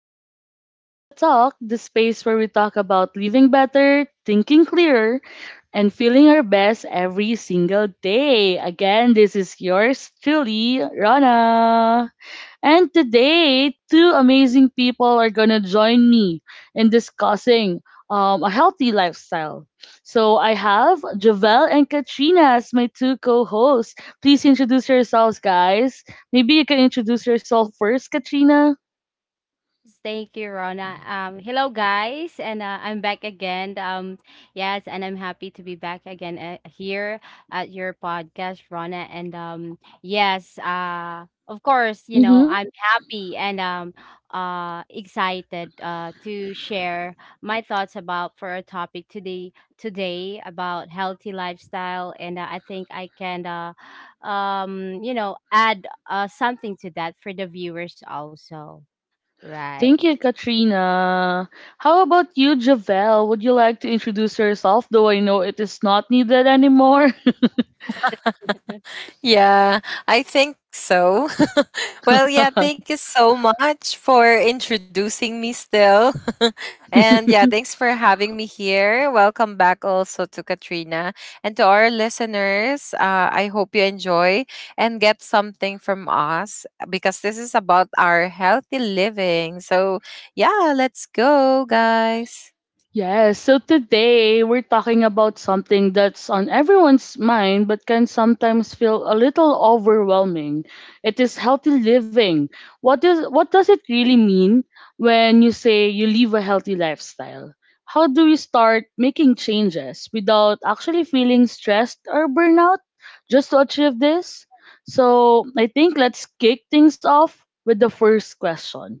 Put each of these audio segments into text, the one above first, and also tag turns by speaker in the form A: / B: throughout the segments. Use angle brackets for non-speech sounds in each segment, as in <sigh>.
A: back to Talk, the space where we talk about living better, thinking clearer, and feeling our best every single day. Again, this is yours truly, Rana. And today, two amazing people are going to join me in discussing a healthy lifestyle. So I have Javel and Katrina as my two co hosts. Please introduce yourselves, guys. Maybe you can introduce yourself first, Katrina.
B: Yes, thank you, Rona. Hello, guys, and I'm back again. Yes, and I'm happy to be back again here at your podcast, Rona. And yes, of course, you know
A: Mm-hmm.
B: I'm happy and excited to share my thoughts about for a topic today about healthy lifestyle, and I think I can, add something to that for the viewers also.
A: Thank you,
B: Right.
A: Katrina. How about you, Javel? Would you like to introduce yourself? Though I know it is not needed anymore.
C: Yeah, I think so. <laughs> Thank
A: <laughs>
C: you so much for introducing me still. <laughs> Thanks for having me here. Welcome back also to Katrina and to our listeners. I hope you enjoy and get something from us because this is about our healthy living. So, yeah, let's go, guys.
A: Yes, so today we're talking about something that's on everyone's mind but can sometimes feel a little overwhelming. It is healthy living. What does it really mean when you say you live a healthy lifestyle? How do we start making changes without actually feeling stressed or burnout just to achieve this? So, I think let's kick things off with the first question: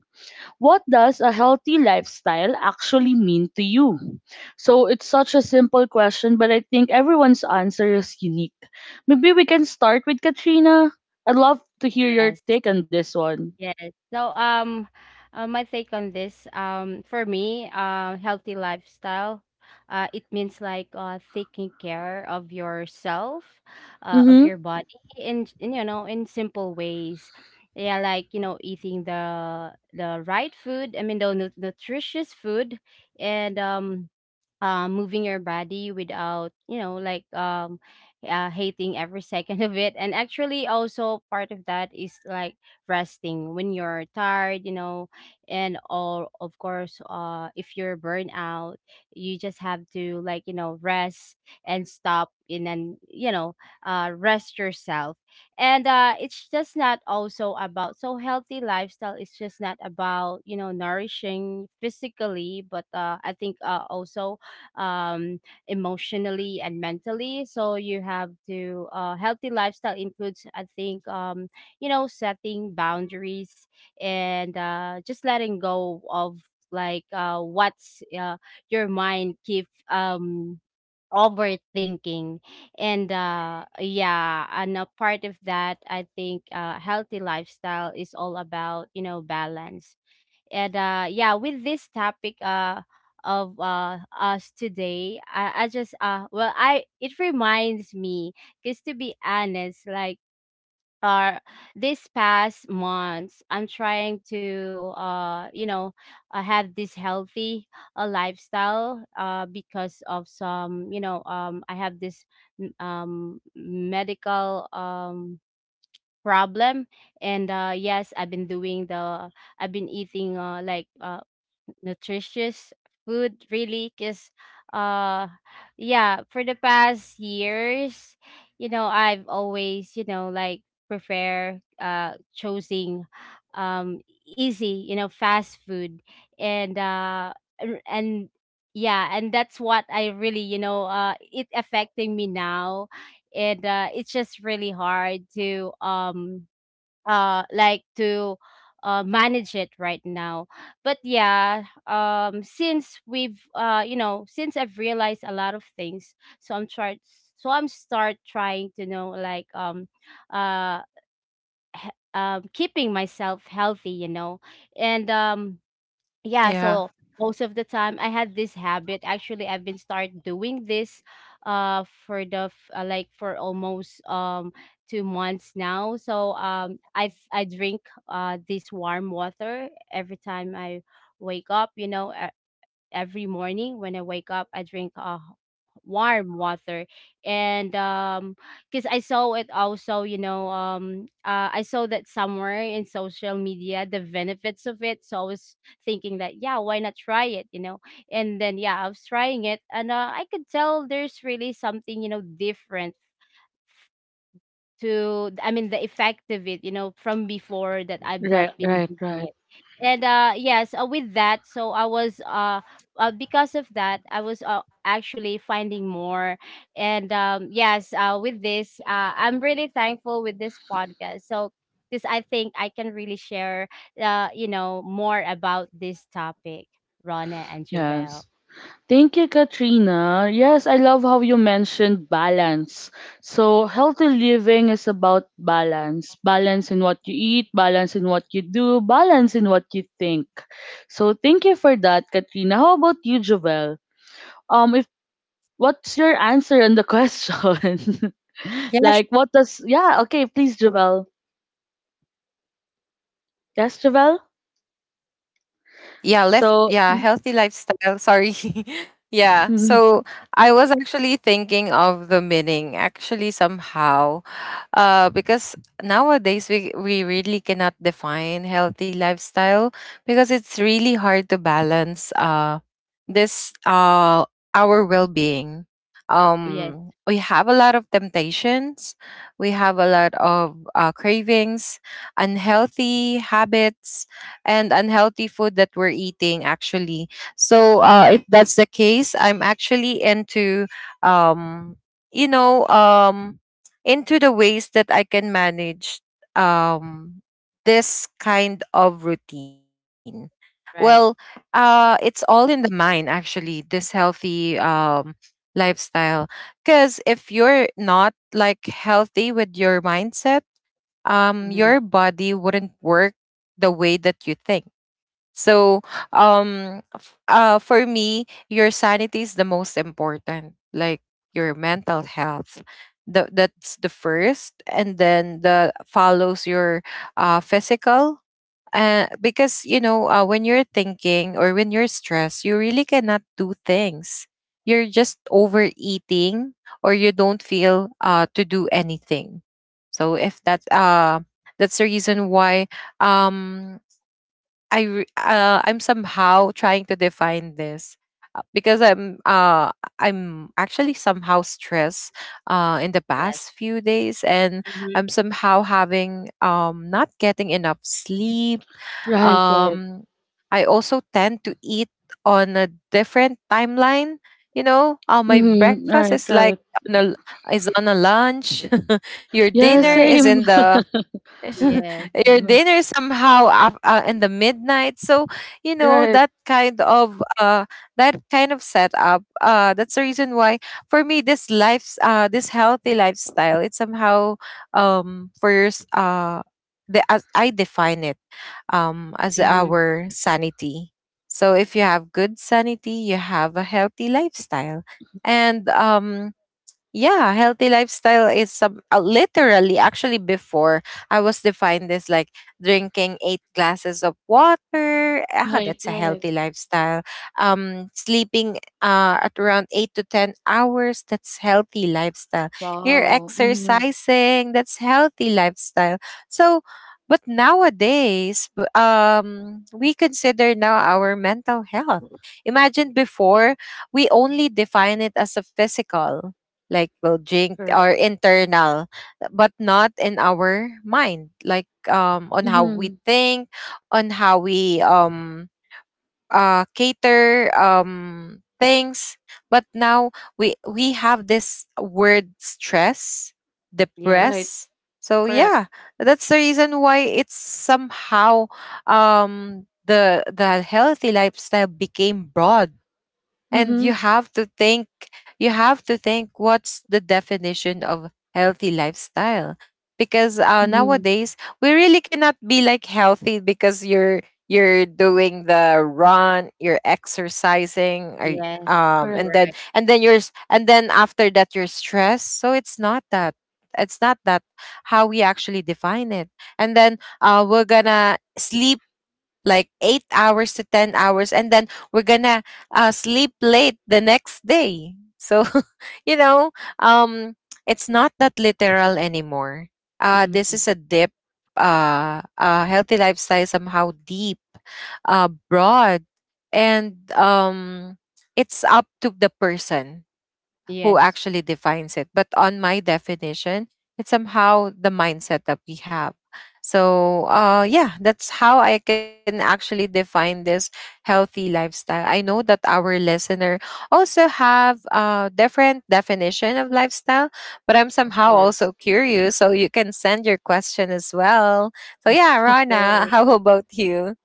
A: what does a healthy lifestyle actually mean to you? So it's such a simple question, but I think everyone's answer is unique. Maybe we can start with Katrina. I'd love to hear your
B: Yes.
A: take on this one.
B: Yes. So, my take on this, for me, healthy lifestyle, it means like taking care of yourself, of
A: Mm-hmm.
B: your body in you know in simple ways. Yeah, like, eating the right food. I mean, the nutritious food, and moving your body without like hating every <laughs> second of it, and actually also part of that is like resting when you're tired. And all of course, if you're burned out, you just have to, like, rest and stop, and then rest yourself. And it's just not also about, so healthy lifestyle it's just not about, nourishing physically, but I think also, um, emotionally and mentally. So you have to, healthy lifestyle includes, I think, setting boundaries, and just letting go of, like, what's, your mind keep, overthinking. And yeah, and a part of that, I think, healthy lifestyle is all about, balance. And yeah, with this topic, of us today, I just well I it reminds me, because to be honest, like, uh this past months I'm trying to, have this healthy, lifestyle, because of some, I have this, medical, problem. And yes, I've been doing the I've been eating, like, nutritious food really, because, uh yeah, for the past years, I've always, like, prefer, choosing, um easy, fast food. And uh and and- yeah, and that's what I really, it affecting me now. And it's just really hard to, like to, manage it right now. But yeah, since we've you know since I've realized a lot of things, so I'm trying so I'm start trying to know, like, uh keeping myself healthy, and
C: Yeah.
B: yeah, so most of the time I had this habit. Actually I've been start doing this for the like for almost, 2 months now. So I drink this warm water every time I wake up. Every morning when I wake up, I drink warm water, and because I saw it also, I saw that somewhere in social media the benefits of it. So I was thinking that, yeah, why not try it, you know? And then, yeah, I was trying it, and I could tell there's really something, different to, I mean, the effect of it, from before, that I've not
A: Right,
B: been
A: right,
B: doing
A: right.
B: it. And yes, with that, so I was because of that, I was, actually finding more, and yes, with this, I'm really thankful with this podcast. So this, I think, I can really share, more about this topic, Rona and
A: Yes.
B: Javel.
A: Thank you, Katrina. Yes, I love how you mentioned balance. So, healthy living is about balance, in what you eat, balance in what you do, balance in what you think. So, thank you for that, Katrina. How about you, Jovel? If What's your answer on the question? <laughs>
C: Yeah,
A: Like, what does, yeah, okay, please, Jovel. Yes, Jovel?
C: yeah left
A: So,
C: yeah healthy lifestyle, sorry. <laughs> Yeah
A: <laughs>
C: so I was actually thinking of the meaning, actually, somehow, because nowadays we really cannot define healthy lifestyle because it's really hard to balance this our well-being.
B: Yes,
C: We have a lot of temptations, we have a lot of cravings, unhealthy habits, and unhealthy food that we're eating, actually. So if that's the case, I'm actually into um you know um into the ways that I can manage um this kind of routine. Well,
B: right.
C: it's all in the mind, actually, this healthy lifestyle, because if you're not like healthy with your mindset,
B: Hmm.
C: your body wouldn't work the way that you think. So, for me, your sanity is the most important, like your mental health. That's the first, and then the follows your physical. Because you know, when you're thinking or when you're stressed, you really cannot do things. You're just overeating, or you don't feel to do anything. So if that's that's the reason why um I'm somehow trying to define this, because I'm actually somehow stressed in the
B: Yes.
C: past few days, and
B: Hmm.
C: I'm somehow having not getting enough sleep.
A: right, right.
C: Um I also tend to eat on a different timeline. You know, my
A: Mm,
C: breakfast
A: right,
C: is like
A: right.
C: on a, is on a lunch. <laughs> Your
A: Yeah,
C: dinner
B: Right.
C: is
A: same.
C: in the <laughs>
B: Yes.
C: your dinner
A: <laughs>
C: somehow up, in the midnight. So you know
A: Right.
C: that that kind of setup, that's the reason why for me this healthy lifestyle, it's somehow for yours the as I define it, as
B: Hmm.
C: our sanity. So if you have good sanity, you have a healthy lifestyle. And yeah, healthy lifestyle is some literally, actually before, I was defined as like drinking eight glasses of water. Ah,
A: Right,
C: that's a
A: right.
C: healthy lifestyle. Sleeping at around 8 to 10 hours. That's healthy lifestyle. You're
A: Wow. Mm-hmm.
C: exercising. That's healthy lifestyle. So, but nowadays, we consider now our mental health. Imagine before, we only define it as a physical, like we'll drink or
A: Correct.
C: internal, but not in our mind, like on how
A: Mm-hmm.
C: we think, on how we cater things. But now we have this word stress,
B: Yes.
A: Right.
C: depress. So
A: Correct.
C: yeah, that's the reason why it's somehow the healthy lifestyle became broad, and
A: Mm-hmm.
C: you have to think, you have to think, what's the definition of healthy lifestyle? Because
A: Mm-hmm.
C: nowadays we really cannot be like healthy because you're doing the run, you're exercising,
B: Yes.
C: and
A: Correct.
C: then
B: Right.
C: and then and then after that you're stressed. So it's not that, it's not that how we actually define it. And then we're gonna sleep like 8 hours to 10 hours. And then we're going to sleep late the next day. So, <laughs> you know, um, it's not that literal anymore. This
B: Mm-hmm.
C: is a deep Healthy lifestyle somehow deep, broad, and it's up to the person who
B: Yes.
C: actually defines it. But on my definition, it's somehow the mindset that we have. So, yeah, that's how I can actually define this healthy lifestyle. I know that our listener also have a different definition of lifestyle, but I'm
A: Of
C: somehow
A: course.
C: also curious. So you can send your question as well. So yeah,
A: <laughs> Of
C: Rana, <laughs>
A: course.
C: how about you?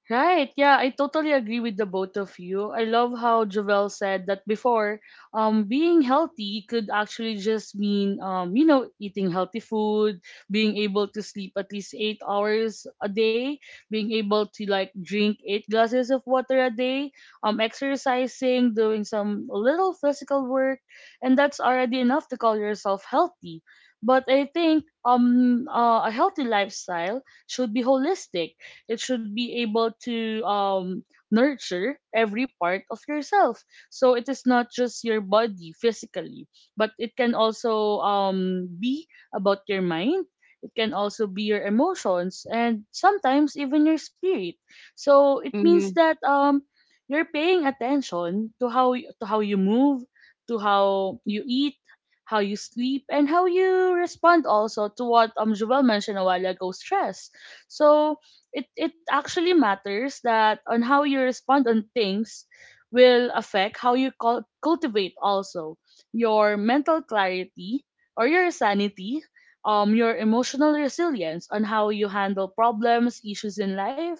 A: Right. Yeah, I totally agree with the both of you. I love how Jovel said that before, being healthy could actually just mean, you know, eating healthy food, being able to sleep at least 8 hours a day, being able to like drink eight glasses of water a day, exercising, doing some little physical work, and that's already enough to call yourself healthy. But I think a healthy lifestyle should be holistic. It should be able to nurture every part of yourself. So it is not just your body physically, but it can also be about your mind. It can also be your emotions and sometimes even your spirit. So it means
B: Mm-hmm.
A: that you're paying attention to how you move, to how you eat, how you sleep, and how you respond also to what Joel mentioned a while ago, stress. So it actually matters that on how you respond on things will affect how you cultivate also your mental clarity or your sanity, your emotional resilience, on how you handle problems, issues in life,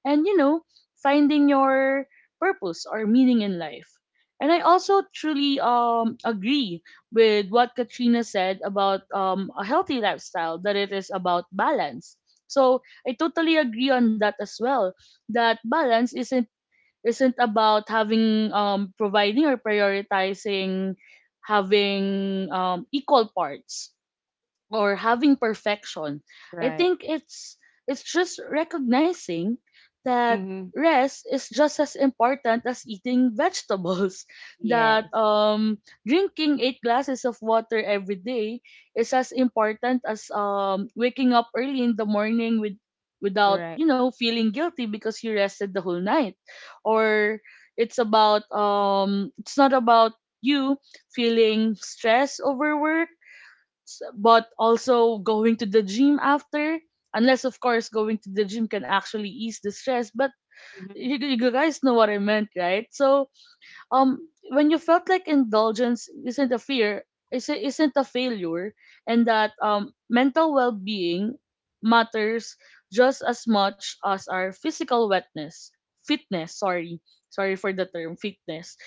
A: and, you know, finding your purpose or meaning in life. And I also truly agree with what Katrina said about a healthy lifestyle, that it is about balance. So I totally agree on that as well. That balance isn't about having, providing or prioritizing, having equal parts or having perfection. I
B: Right.
A: think it's just recognizing that
B: Mm-hmm.
A: rest is just as important as eating vegetables. <laughs> That
B: Yes.
A: drinking eight glasses of water every day is as important as waking up early in the morning with without,
B: Right.
A: you know, feeling guilty because you rested the whole night. Or it's not about you feeling stress over work, but also going to the gym after, unless of course going to the gym can actually ease the stress, but
B: Mm-hmm.
A: you guys know what I meant, right? So um when you felt like indulgence isn't a fear, is isn't a failure, and that mental well-being matters just as much as our physical wetness fitness. Sorry, sorry for the term fitness.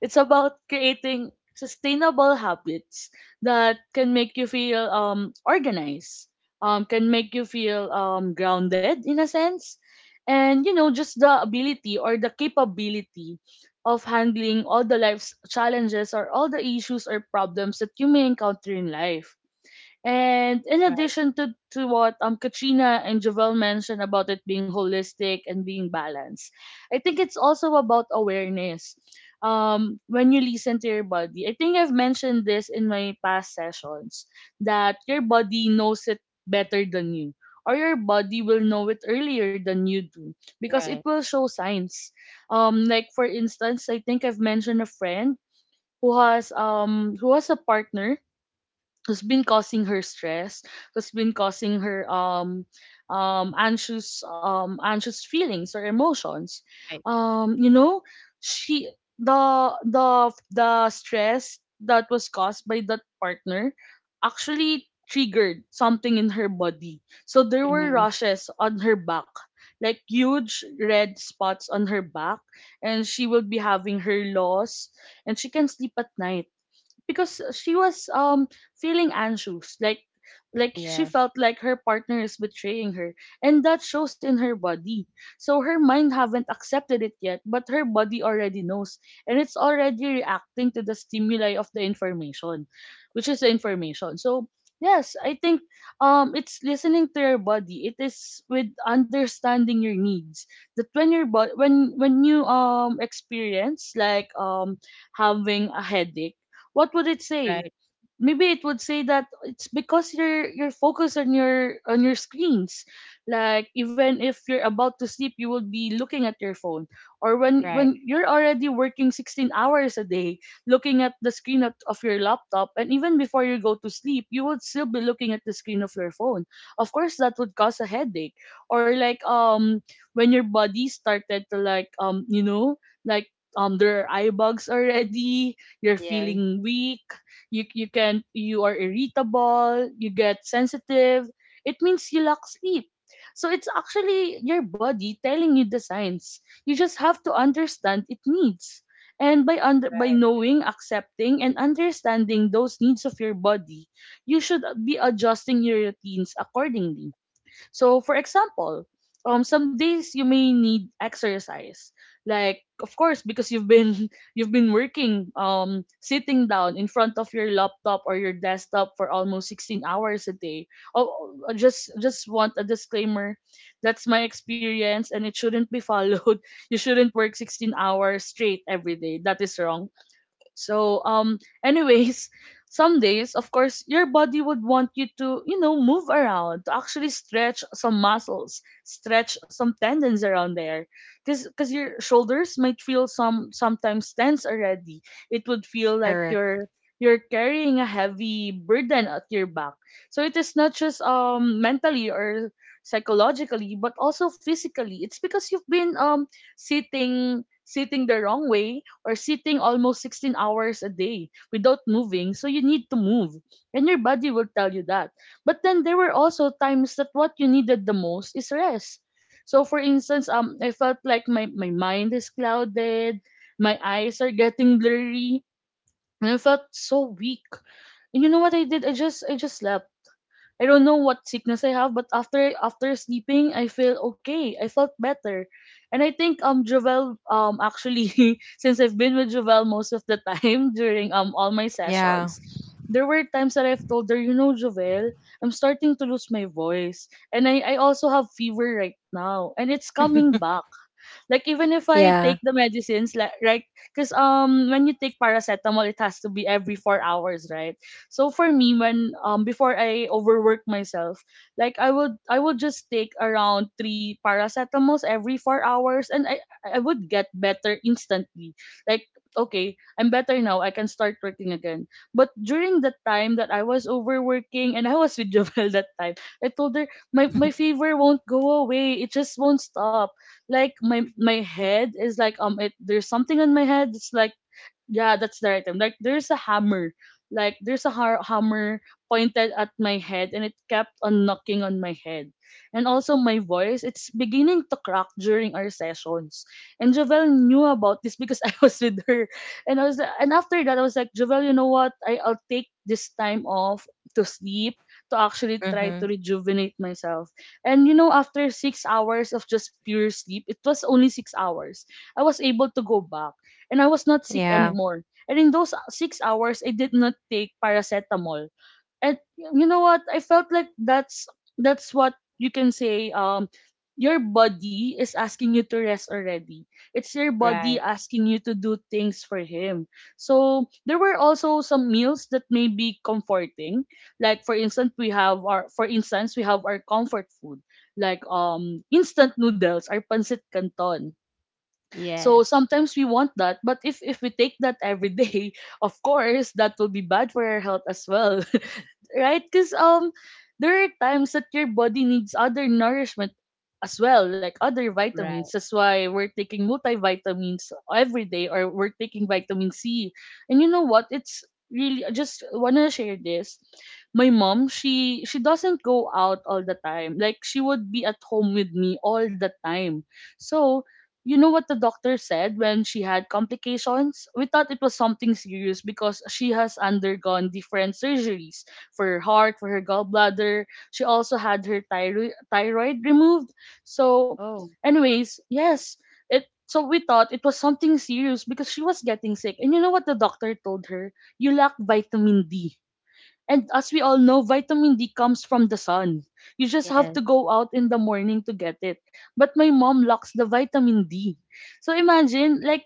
A: It's about creating sustainable habits that can make you feel organized, can make you feel grounded in a sense, and, you know, just the ability or the capability of handling all the life's challenges or all the issues or problems that you may encounter in life. And in
B: Right.
A: addition to what Katrina and Javel mentioned about it being holistic and being balanced, I think it's also about awareness. When you listen to your body, I think I've mentioned this in my past sessions that your body knows it better than you, or your body will know it earlier than you do because
B: Right.
A: it will show signs. Like for instance, I think I've mentioned a friend who has a partner who's been causing her stress, who's been causing her anxious feelings or emotions.
B: Right.
A: You know, she the stress that was caused by that partner actually triggered something in her body. So there were
B: Mm-hmm.
A: rashes on her back, like huge red spots on her back, and she will be having her loss and she can sleep at night because she was feeling anxious, like she
B: Yes.
A: felt like her partner is betraying her, and that shows in her body. So her mind haven't accepted it yet but her body already knows, and it's already reacting to the stimuli of the information, which is the information. So yes, I think it's listening to your body, it is with understanding your needs, that when you experience having a headache, what would it say?
B: Right.
A: Maybe it would say that it's because you're focused on your screens, like even if you're about to sleep you will be looking at your phone. Or when
B: Right.
A: when you're already working 16 hours a day, looking at the screen of your laptop, and even before you go to sleep you would still be looking at the screen of your phone. Of course that would cause a headache. Or like, when your body started to, like, like there are eye bugs already, you're
B: Yes.
A: feeling weak, you are irritable, you get sensitive. It means you lack sleep. So it's actually your body telling you the signs. You just have to understand it needs. And by under by
B: Right.
A: knowing, accepting and understanding those needs of your body, you should be adjusting your routines accordingly. So, for example, some days you may need exercise, like of course because you've been <laughs> you've been working sitting down in front of your laptop or your desktop for almost 16 hours a day. Oh, I just want a disclaimer: that's my experience and it shouldn't be followed. <laughs> You shouldn't work 16 hours straight every day, that is wrong. So anyways, <laughs> some days of course your body would want you to, you know, move around, to actually stretch some muscles, stretch some tendons around there. Cuz cuz your shoulders might feel sometimes tense already. It would feel like
C: Correct.
A: you're carrying a heavy burden at your back. So it is not just mentally or psychologically but also physically. It's because you've been sitting the wrong way or sitting almost 16 hours a day without moving. So you need to move, and your body will tell you that. But then there were also times that what you needed the most is rest. So for instance, I felt like my mind is clouded, my eyes are getting blurry, and I felt so weak. And you know what I did? I just slept. I don't know what sickness I have, but after sleeping, I feel okay. I felt better, and I think Jovel actually <laughs> since I've been with Jovel most of the time <laughs> during all my sessions,
C: Yeah.
A: there were times that I've told her, you know, Jovel, I'm starting to lose my voice, and I also have fever right now, and it's coming back. Like even if I take
C: Yeah.
A: the medicines, like right, because when you take paracetamol, it has to be every 4 hours, right? So for me, when before I overwork myself, like I would just take around three paracetamols every 4 hours, and I would get better instantly. Like okay, I'm better now. I can start working again. But during the time that I was overworking and I was with <laughs> Jovel that time, I told her my fever won't go away. It just won't stop. Like my head is like there's something in my head, it's like yeah, that's the right term. Like there's a hammer. Like there's a hammer pointed at my head and it kept on knocking on my head. And also my voice, it's beginning to crack during our sessions. And Javel knew about this because <laughs> I was with her. And and after that I was like, Javel, you know what? I'll take this time off to sleep to actually try to
C: Mm-hmm.
A: rejuvenate myself. And you know, after 6 hours of just pure sleep, it was only 6 hours. I was able to go back and I was not sick
C: Yeah.
A: anymore. And in those 6 hours, I did not take paracetamol. And you know what? I felt like that's what you can say. Your body is asking you to rest already. It's your
B: Right.
A: body asking you to do things for him. So there were also some meals that may be comforting. Like for instance we have our comfort food like instant noodles our pancit canton, so
B: Yes.
A: sometimes we want that, but if we take that every day, <laughs> of course that will be bad for our health as well, right? Because there are times that your body needs other nourishment as well, like other vitamins.
B: Right.
A: That's why we're taking multivitamins every day, or we're taking vitamin C. And you know what? It's really, I just wanna share this. My mom, she doesn't go out all the time. Like she would be at home with me all the time. So you know what the doctor said when she had complications? We thought it was something serious because she has undergone different surgeries for her heart, for her gallbladder. She also had her thyroid removed. So,
B: Oh.
A: anyways, yes, it. So we thought it was something serious because she was getting sick. And you know what the doctor told her? You lack vitamin D. And as we all know, vitamin D comes from the sun. You just have to
B: Yes.
A: go out in the morning to get it. But my mom lacks the vitamin D. So imagine, like,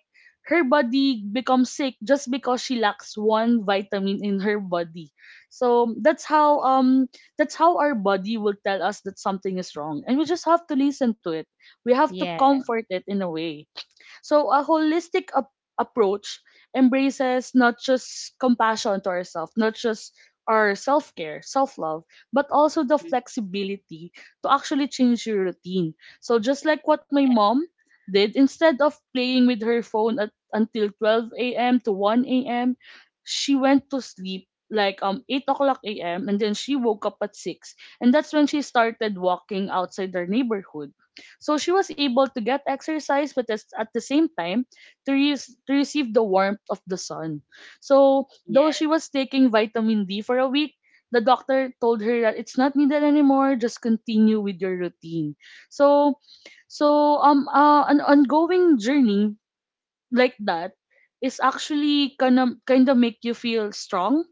A: her body becomes sick just because she lacks one vitamin in her body. So that's how our body will tell us that something is wrong. And we just have to listen to it. We have to
B: Yeah.
A: comfort it in a way. So, a approach embraces not just compassion to ourselves, not just our self care, self love, but also the
B: Mhm.
A: flexibility to actually change your routine. So, just like what my mom did, instead of playing with her phone at, until 12 a.m. to 1 a.m., she went to sleep like 8 o'clock a.m. and then she woke up at 6, and that's when she started walking outside their neighborhood, so she was able to get exercise, but at the same time, to to receive the warmth of the sun. So, though she
B: Yes.
A: was taking vitamin D for a week, the doctor told her that it's not needed anymore, just continue with your routine. So, an ongoing journey like that is actually gonna kind of make you feel strong,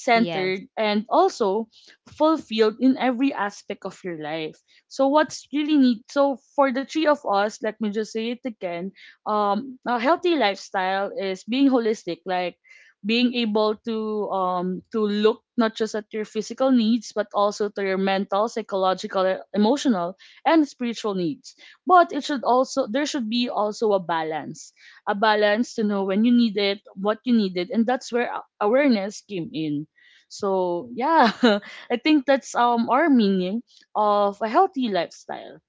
A: centered,
B: Yes.
A: and also fulfilled in every aspect of your life. So what's really neat, so for the three of us, let me just say it again: a healthy lifestyle is being holistic, like being able to look not just at your physical needs but also to your mental, psychological, emotional, and spiritual needs. But it should also there should be also a balance, a balance to know when you need it, what you needed, and that's where awareness came in. So yeah, <laughs> I think that's our meaning of a healthy lifestyle.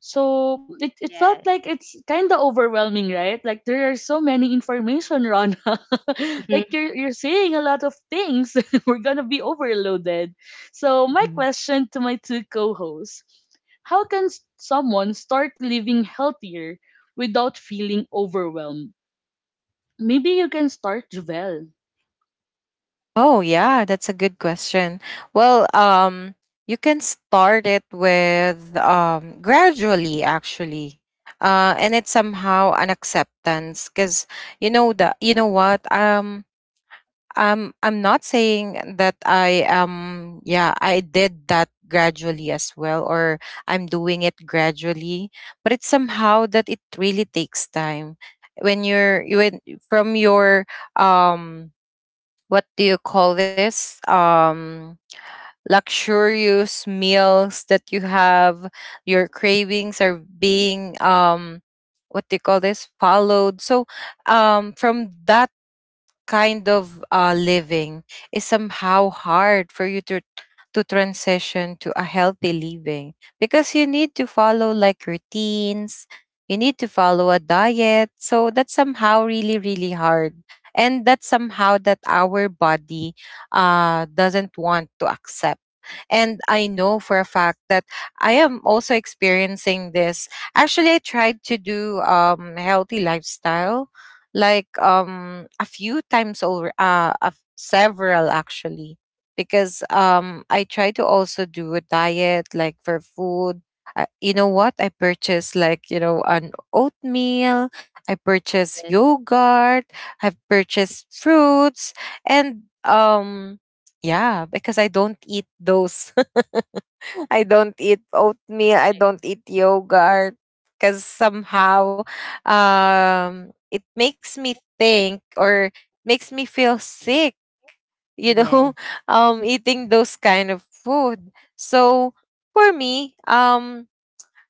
A: So it felt
B: Yes.
A: like it's kind of overwhelming, right? Like there are so many information, Rana. <laughs> Like
B: Mm-hmm.
A: you're saying a lot of things. <laughs> We're gonna be overloaded. So my
B: <laughs>
A: question to my two co-hosts: how can someone start living healthier without feeling overwhelmed? Maybe you can start, Javel.
C: Oh yeah, that's a good question. Well, you can start it with gradually, actually. And it's somehow an acceptance because you know the you know what I'm not saying that I yeah, I did that gradually as well, or I'm doing it gradually. But it's somehow that it really takes time when you're when from your um what do you call this luxurious meals that you have, your cravings are being what do you call this followed. So from that kind of living, is somehow hard for you to transition to a healthy living, because you need to follow like routines, you need to follow a diet. So that's somehow really, really hard, and that's somehow that our body doesn't want to accept. And I know for a fact that I am also experiencing this. Actually, I tried to do healthy lifestyle like a few times over several, actually, because I tried to also do a diet like for food. You know what? I purchased, like, you know, an oatmeal, I purchased
B: Yes. Right.
C: yogurt, I've purchased fruits. And yeah, because I don't eat those. <laughs> I don't eat oatmeal, I don't eat yogurt, because somehow it makes me think or makes me feel sick, you know,
B: Yes.
C: <laughs> eating those kind of food. So for me, um,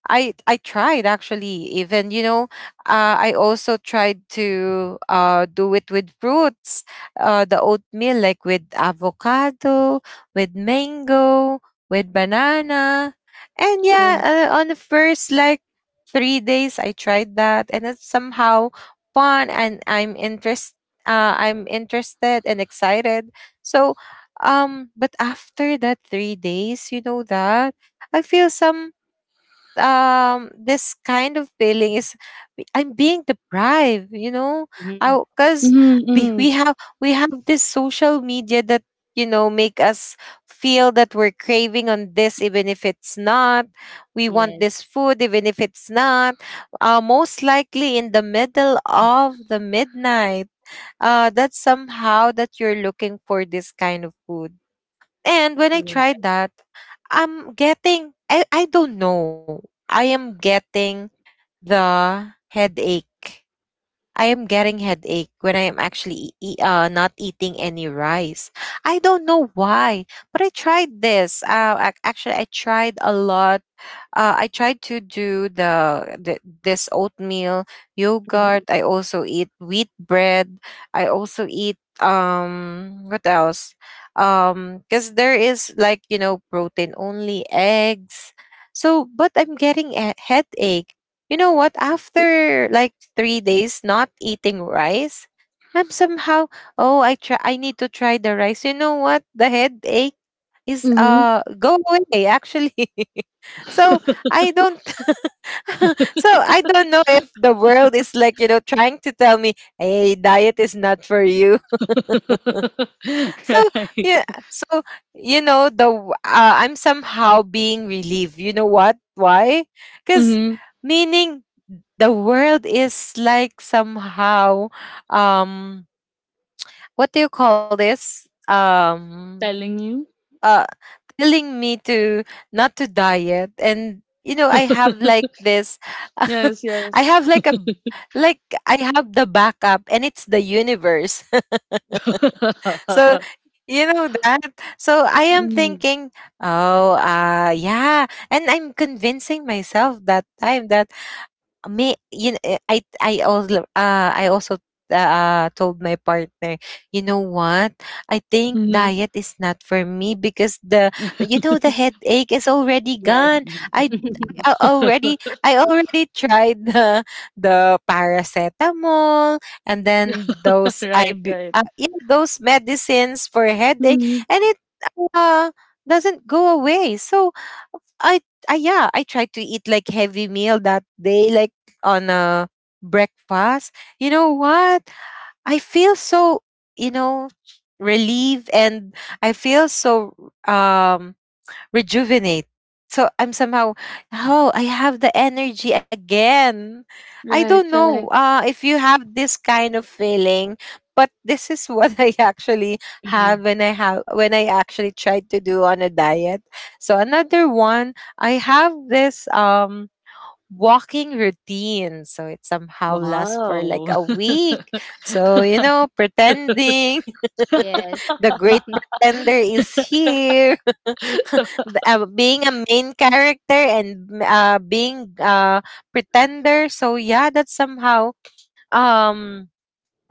C: I I tried, actually. Even you know I also tried to do it with fruits, the oatmeal, like with avocado, with mango, with banana. And yeah,
A: Right.
C: on the first like 3 days, I tried that, and it's somehow fun, and I'm interested and excited. So but after that 3 days, you know that I feel some, this kind of feeling is, I'm being deprived, you know?
B: Mm-hmm.
C: Because we
A: Mm-hmm,
C: we have we have this social media that, you know, make us feel that we're craving on this, even if it's not, we want
B: Yes.
C: this food even if it's not, most likely in the middle of the midnight, that's somehow that you're looking for this kind of food. And when I tried
B: Right.
C: that, I don't know. I am getting the headache. I am getting headache when I am actually not eating any rice. I don't know why, but I tried this. Actually, I tried a lot, I tried to do the this oatmeal,
B: Mm-hmm.
C: yogurt. I also eat wheat bread. I also eat what else? Because there is like, you know, protein only eggs. So, but I'm getting a headache. You know what? After like 3 days not eating rice, I'm somehow, oh I try, I need to try the rice. You know what? The headache is
A: mm-hmm.
C: go away, actually. <laughs> So I don't <laughs> so I don't know if the world is like, you know, trying to tell me, hey, diet is not for you. <laughs> So
A: <laughs> Right.
C: yeah, so you know, I'm somehow being relieved. You know what? Why? Because,
A: Hmm.
C: meaning, the world is like somehow, um what do you call this?
A: Telling you.
C: Uh telling me to not to diet. And you know, I have like
A: <laughs>
C: this
A: Yes,
C: <laughs> I
A: yes.
C: have like a like I have the backup, and it's the universe.
A: <laughs>
C: <laughs> So you know that, so I am
A: Mm-hmm.
C: thinking, oh yeah, and I'm convincing myself that time that me, you know, I also told my partner, you know what? I think
A: Mm-hmm.
C: diet is not for me, because the you know, the headache is already
B: Yes.
C: gone. I,
B: <laughs>
C: I already I already tried the paracetamol, and then
A: <laughs>
C: those, I
A: Right, right.
C: yeah, those medicines for headache,
A: Hmm.
C: and it uh, doesn't go away. So I, I yeah, I tried to eat like heavy meal that day, like on a breakfast. You know what? I feel so, you know, relieved, and I feel so um rejuvenate. So I'm somehow, oh, I have the energy again. I don't
A: Right,
C: know
A: right.
C: if you have this kind of feeling, but this is what <laughs> I actually
B: Mhm.
C: have when I actually tried to do on a diet. So another one, I have this walking routine. So it somehow lasts for like
A: Wow.
C: a week.
A: <laughs>
C: So you know, pretending
B: Yes.
C: <laughs> the great pretender is here. <laughs> Being a main character, and m- being pretender. So yeah, that's somehow um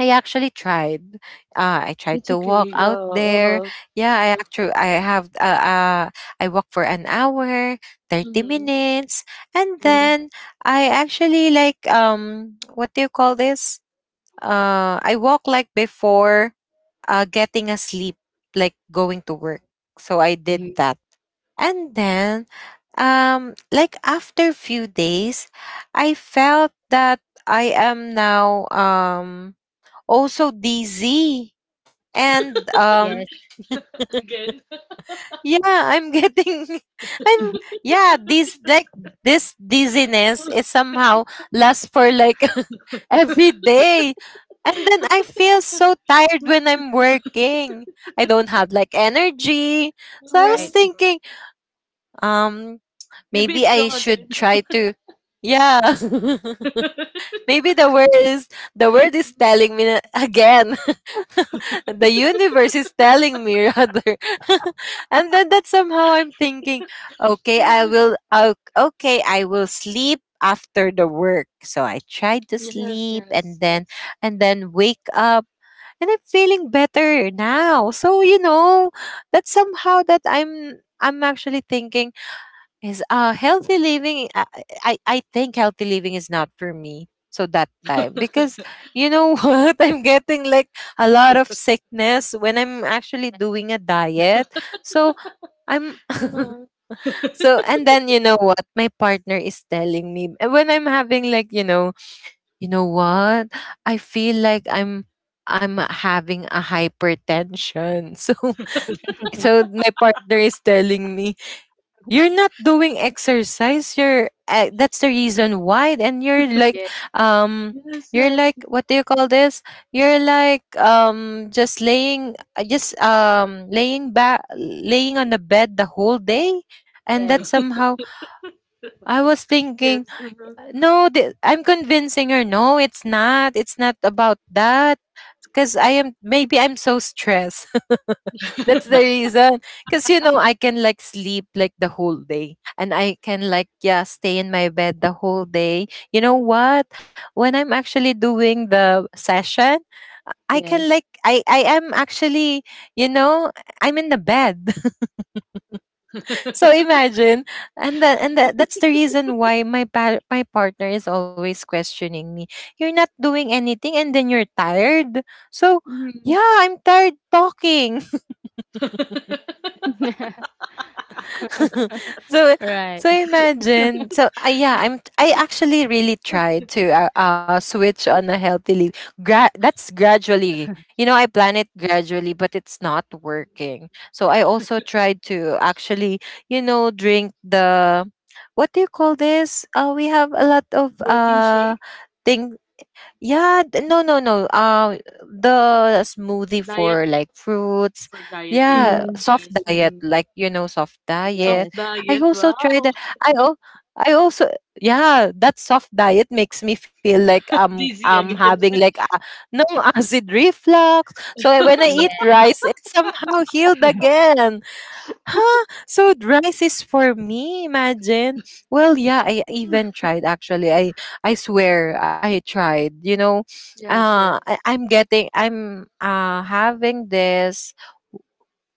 C: I actually tried. I tried
A: It's
C: to
A: okay.
C: walk out
A: Yeah. Uh-huh.
C: there. Yeah, I actually I walk for an hour, 30
A: Hmm.
C: minutes, and
B: Mm-hmm.
C: then I actually like <tsk> what do you call this? I walk like before getting a sleep, like going to work. So I did
B: Mm-hmm.
C: that. And then, like after few days, I felt that I am now also dizzy. And
B: Yes.
C: <laughs>
A: Again.
C: yeah, I'm getting <laughs> I'm
B: <laughs>
C: yeah, this dizziness is somehow lasts for like <laughs> every day. And then I feel so tired when I'm working. I don't have like energy. So I was
A: Uh-huh.
B: Right.
C: thinking, um,
A: Maybe
C: maybe
A: it's
C: I
A: wrong again.
C: should
A: <laughs>
C: try to. Yeah. <laughs> Maybe the word is telling me again. <laughs> The universe is telling me rather. <laughs> And then that somehow I'm thinking, okay, okay, I will sleep after the work. So I tried to
A: Yes,
C: sleep
A: yes,
C: and then
A: yes.
C: wake up and I'm feeling better now. So you know, that somehow that I'm actually thinking is healthy living. I think healthy living is not for me. So that time, because, you know, <laughs> what I'm getting, like, a lot of sickness when I'm actually doing a diet. So I'm. <laughs>
A: Uh,
C: So and then, you know what, my partner is telling me, when I'm having like, you know what, I feel like I'm having a hypertension. <laughs> So
B: <laughs>
C: my partner is telling me, you're not doing exercise, you're, that's the reason why, and you're like,
B: Yes.
C: um
A: yes,
C: you're
A: yes,
C: like, what do you call this, you're like, just laying, just, laying back, laying on the bed the whole day. And that
B: Yes.
C: somehow I was thinking,
A: yes. Uh-huh.
C: no, I'm convincing her. No, it's not. It's not about that. Because I am, maybe I'm so stressed. <laughs> That's the
A: <laughs>
B: <laughs>
C: reason. Because, you know, I can like sleep like the whole day and I can like, yeah, stay in my bed the whole day. You know what? When I'm actually doing the session, I can
B: Yes.
C: like, I am actually, you know, I'm in the bed. <laughs> So imagine, and that that's the reason why my partner is always questioning me. You're not doing anything, and then you're tired. So
A: Mhm.
C: yeah, I'm tired talking. <laughs>
B: <laughs>
C: <laughs>
B: Right.
C: So
B: <laughs>
C: imagine. So yeah, I actually really tried to switch on a healthy leave. That's gradually. You know, I plan it gradually, but it's not working. So I also tried to actually, drink the, what do you call this, we have a lot of
A: Protein shake,
C: thing. Yeah, no, no, no. The smoothie
A: diet
C: for like fruits.
A: for dieting.
C: Yeah,
B: Mhm.
C: soft
A: Yes.
C: diet,
A: Mhm.
C: like, soft
B: Yes.
C: diet.
A: Soft
C: I
A: diet.
C: also tried
A: Wow.
C: that. I al- I also. Yeah, that soft diet makes me feel like
A: <laughs>
C: I'm
A: Dizzy
C: I'm
A: again.
C: having
A: <laughs>
C: like, no, <laughs> acid reflux. So when I
B: Yeah.
C: eat rice, it somehow healed
B: <laughs>
C: again. Huh? So rice is for me, imagine. Well, yeah, I even tried actually. I swear I tried. You know,
A: Yes,
C: I,
A: yes.
C: I'm getting I'm having this.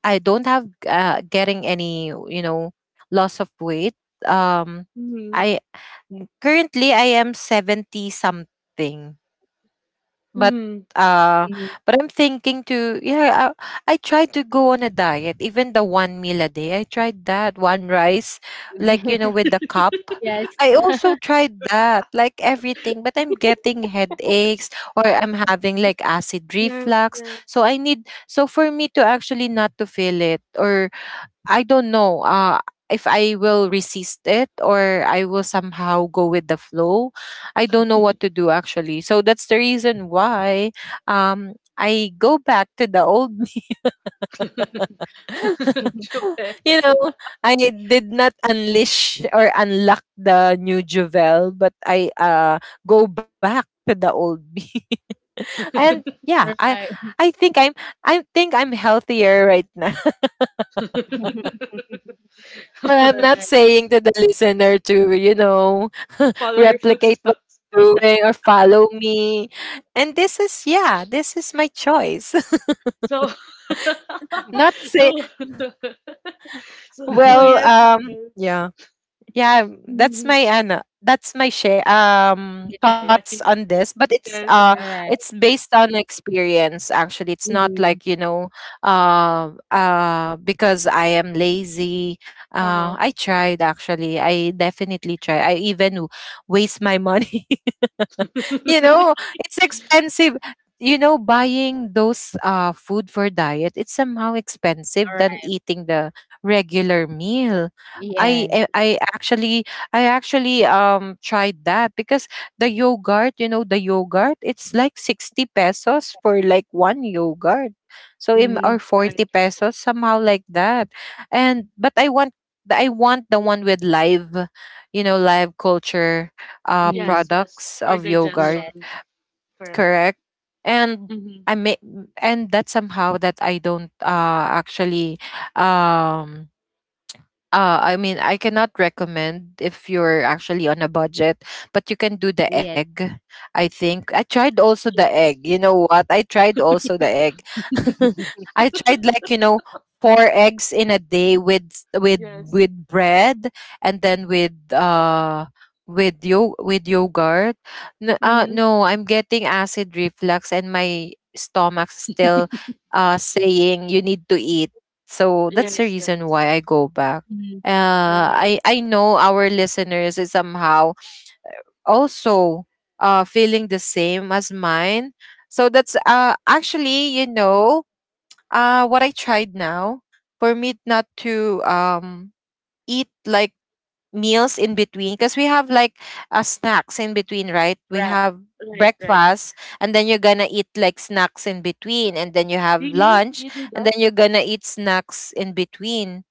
C: I don't have getting any, loss of weight. Um
A: Mm-hmm.
C: I Currently I am 70 something. But
A: Mm-hmm.
C: uh
B: Mhm.
C: I'm thinking to. Yeah, I tried to go on a diet, even the one meal a day. I tried that, one rice, like
B: <laughs>
C: with the cup.
B: Yes.
C: I also tried that, like, everything, but I'm getting headaches or I'm having like acid
A: Yes,
C: reflux. So
A: yes.
C: I need, so for me to actually not to feel it or I don't know, if I will resist it or I will somehow go with the flow. I don't know what to do actually. So that's the reason why, I go back to the old <laughs> me. <laughs>
A: <laughs>
B: <laughs>
A: Japan.
C: You know, I did not unleash or unlock the new Jovel, but I, go back to the old me. <laughs> And yeah,
B: Right.
C: I think I'm I think I'm healthier right now.
A: <laughs>
B: <laughs>
C: Well, I'm not
B: Right.
C: saying to the listener to, <laughs>
A: Follow your
C: replicate what
A: footsteps.
C: I'm doing or follow me. And this is, yeah, this is my choice. <laughs>
A: So,
C: Not
A: <laughs>
C: say,
A: so, <laughs> so, <laughs>
C: well,
B: <laughs>
A: yes, you.
C: yeah. Yeah,
A: Mhm.
C: that's my share,
A: <laughs>
C: thoughts
B: Yes.
A: My,
C: on this. But it's uh
A: yes, yes.
C: it's
B: Alright.
C: based on experience actually. It's not
B: Mhm.
C: like, you know, because I am lazy.
A: Uh
C: I tried actually. I definitely try. I even waste my <laughs> money.
A: huh.
C: You know,
A: <laughs>
C: it's expensive. You know, buying those food for diet, it's somehow expensive than
B: Alright.
C: eating the regular meal. i
B: Yes.
C: i I actually i actually um tried that because the yogurt, you know, the yogurt, it's like 60 pesos for like one yogurt. So im, or
B: Mhm.
C: 40
A: Right, right.
C: pesos somehow like that. And but I want the one with live, you know, live culture
B: Mhm.
A: Yes, yes.
C: products
A: For
C: of yogurt.
B: Yes.
A: digestion. Correct.
C: Correct. And
A: Mm-hmm.
C: I may, and that somehow that I don't actually um I mean, I cannot recommend if you're actually on a budget, but you can do
B: Yes.
C: the egg. I think I tried also the
A: Yes,
C: egg. You know what? I tried also the egg. <laughs>
B: <laughs>
C: I tried, like, four eggs in a day, with s- with
A: yes.
C: with bread, and then with yogurt. No,
A: Mm-hmm.
C: no, I'm getting acid reflux and my stomach's still saying you need to eat. So that's the
B: Yes.
A: Yes,
C: reason
A: yes.
C: why I go back.
B: Mhm.
C: uh,
A: Right,
C: I I know our listeners is somehow also feeling the same as mine. So that's actually you know what I tried now, for me not to eat like meals in between, because we have like, snacks in between, right? We
B: Right.
C: have
A: right, right.
C: breakfast, and then you're gonna eat like snacks in between, and then you have
A: Really?
C: lunch,
A: You do
C: and then
A: that?
C: you're gonna eat snacks in between.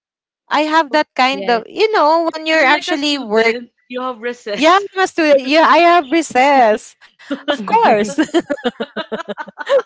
C: I have that kind
B: Yes.
C: of, you know, when you're
A: You're like a
C: actually work.
A: student. You have
C: Yeah,
A: recess.
C: I'm a student. Yeah, I have recess.
A: <laughs>
C: Of course.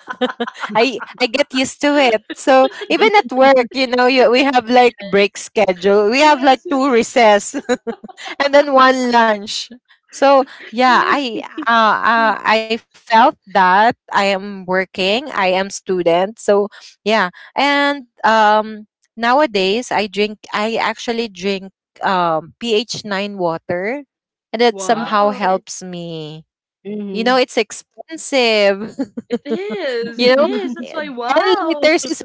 C: <laughs> I
B: <laughs>
C: I get used to it. So even at work, you know, you, we have like break schedule. We have
A: Yes,
C: like two
A: yes.
C: recess. <laughs> And then one lunch. So yeah,
A: <laughs>
C: I, I felt that I am working, I am student. So yeah, and nowadays I actually drink pH 9 water, and it
B: Wow.
C: somehow
A: Wow.
B: Yes.
C: helps me. You know,
B: Mhm.
C: it's expensive. <laughs>
A: It is.
C: You
A: It
C: know,
A: is. That's
B: <laughs>
C: eh,
A: why,
C: 10
A: wow.
C: liters is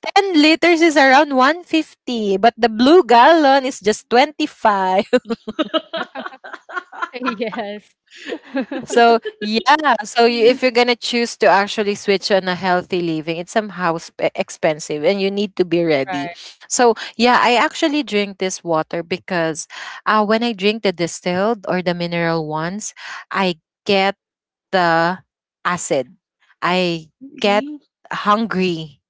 C: 10 liters is around 150, but the blue gallon is just 25. <laughs>
B: Yes. <laughs>
C: So yeah, so you, if you're gonna choose to actually switch on a healthy living, it's somehow expensive, and you need to be ready.
B: Right.
C: So yeah, I actually drink this water because, when I drink the distilled or the mineral ones, I get the acid. I get
A: Really?
C: hungry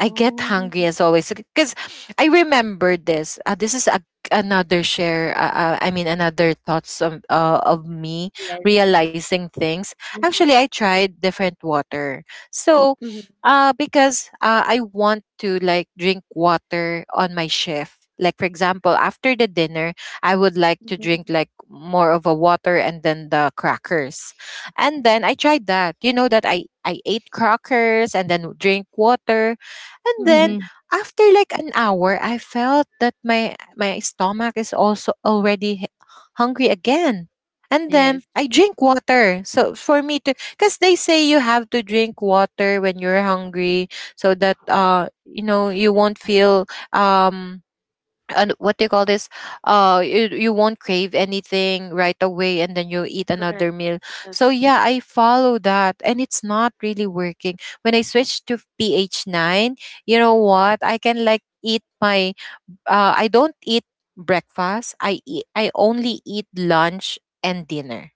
C: I get
A: Oh.
C: hungry as always, because I remember this. This is a, another share. I mean, another thoughts of me
B: Yes.
C: realizing things.
B: Mhm.
C: Actually, I tried different water. So,
A: Mm-hmm,
C: because I want to like drink water on my shift. Like for example, after the dinner, I would like to
A: mm-hmm,
C: drink like more of a water and then the crackers. And then I tried that. You know that I ate crackers and then drink water. And then
A: mm-hmm.
B: Mhm.
C: after like an hour, I felt that my stomach is also already hungry again. And then
B: Yes.
C: I drink water. So for me to, cuz they say you have to drink water when you're hungry so that, you won't feel, um and what do you call this, you won't crave anything right away and then you eat another
A: Correct.
C: meal. So
A: Yes.
C: yeah, I follow that, and it's not really working. When I switched to pH 9, you know what, I can like eat my, I don't eat breakfast, I only eat lunch and dinner,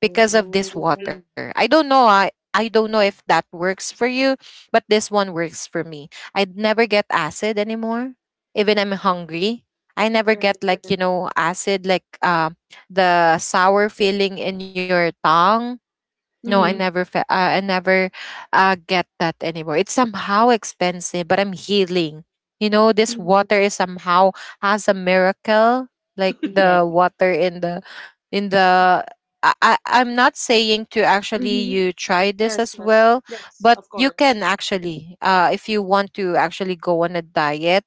C: because of
A: Oh.
C: this water. I don't know. I don't know if that works for you, but this one works for me. I never get acid anymore, even I'm hungry. I never
A: Right,
C: get
A: right.
C: like, you know, acid, like, the sour feeling in your tongue. No,
A: Mm-hmm,
B: Mhm.
C: I never get that anymore. It's somehow expensive, but I'm healing. You know, this
A: mm-hmm,
C: water is somehow has a miracle, like
B: Yes.
C: the water in the in the I, I'm not saying to actually
A: mm-hmm.
C: you try this
A: Yes,
C: as
A: yes.
C: well,
A: Yes,
C: but
A: of
C: you
A: course.
C: can actually, if you want to actually go on a diet,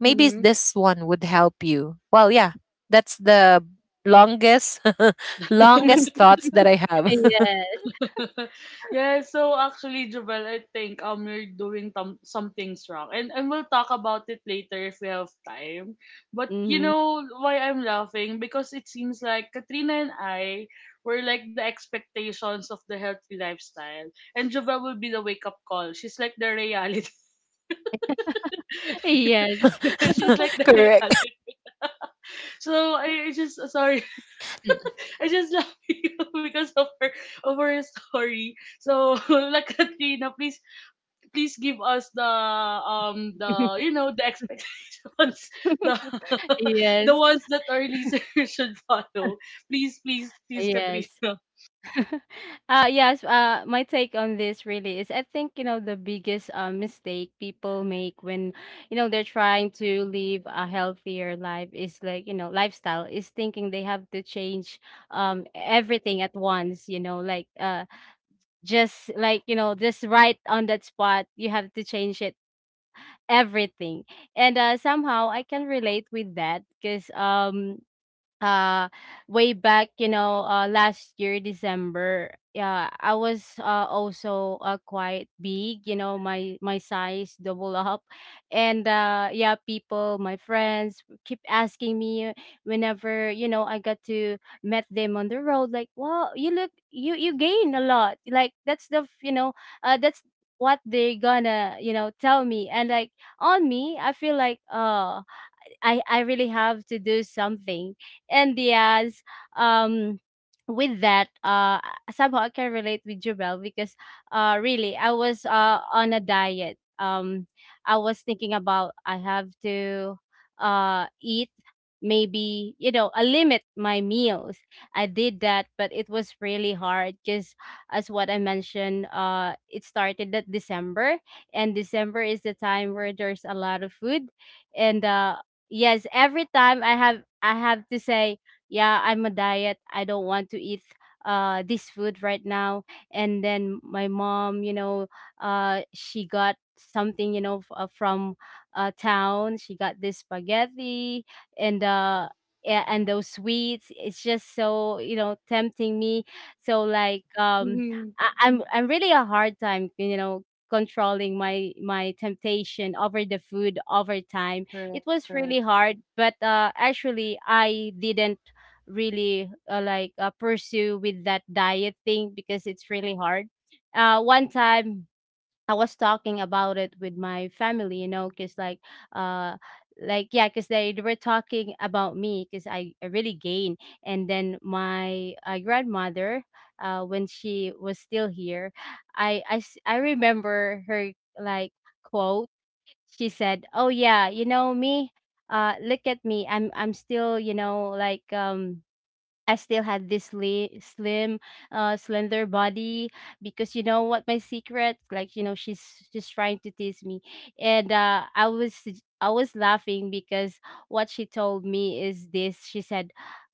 C: maybe
A: Mm-hmm.
C: this one would help you. Well, yeah, that's the longest <laughs> longest
B: <laughs>
C: thoughts that I have.
B: Yes.
A: <laughs> Yeah, so actually, Jubal, I think you're doing some things wrong, and we'll talk about it later if we have time. But you
B: Mhm.
A: know why I'm laughing, because it seems like Katrina and I were like the expectations of the healthy lifestyle, and Jubal will be the wake up call. She's like the reality.
B: Yes.
A: <laughs> She's like
C: <laughs>
A: the
C: Correct.
A: reality. So I just sorry,
C: <laughs>
A: <laughs> I just laugh <laughs> because of her, of her story. So <laughs> like Katrina, please please give us the
B: <laughs>
A: you know the expectations <laughs> the <laughs> the
B: Yes.
A: ones that our listeners <laughs> should follow, please please please,
B: Yes.
A: Katrina.
B: Yes, my take on this really is, I think, the biggest, mistake people make when, they're trying to live a healthier life is, like, lifestyle is thinking they have to change, everything at once, like, just right on that spot you have to change it everything. And somehow I can relate with that, because, uh way back, last year December, yeah, I was, also, quite big, you know, my size double up. And yeah, people my friends keep asking me whenever, I got to met them on the road, like, wow, you look, you gain a lot, like, that's what they gonna, tell me. And, like, on me I feel like, I really have to do something. And yes, um with that, somehow I can relate with Jubel because, really, I was, on a diet. I was thinking about I have to, eat, maybe, a limit my meals. I did that, but it was really hard because, as what I mentioned, it started at December, and December is the time where there's a lot of food and Yes, every time I have to say, yeah, I'm a diet. I don't want to eat, this food right now. And then my mom, she got something, from, town. She got this spaghetti, and uh and those sweets. It's just so, tempting me. So, like, um
A: Mm-hmm.
B: I, I'm I'm really a hard time, controlling my temptation over the food over time. It
A: Correct,
B: was
A: correct.
B: really hard, but, actually, I didn't really, like, pursue with that diet thing because it's really hard. One time I was talking about it with my family, you know, because, like, uh, like, yeah, because they were talking about me, because I really gained, and then my, grandmother, when she was still here, I remember her, like, quote, she said, "Oh yeah, you know me. Look at me. I'm still, you know." I still had this slim, slender body because, you know what my secret? Like, she's trying to tease me, and I was laughing because what she told me is this. She said,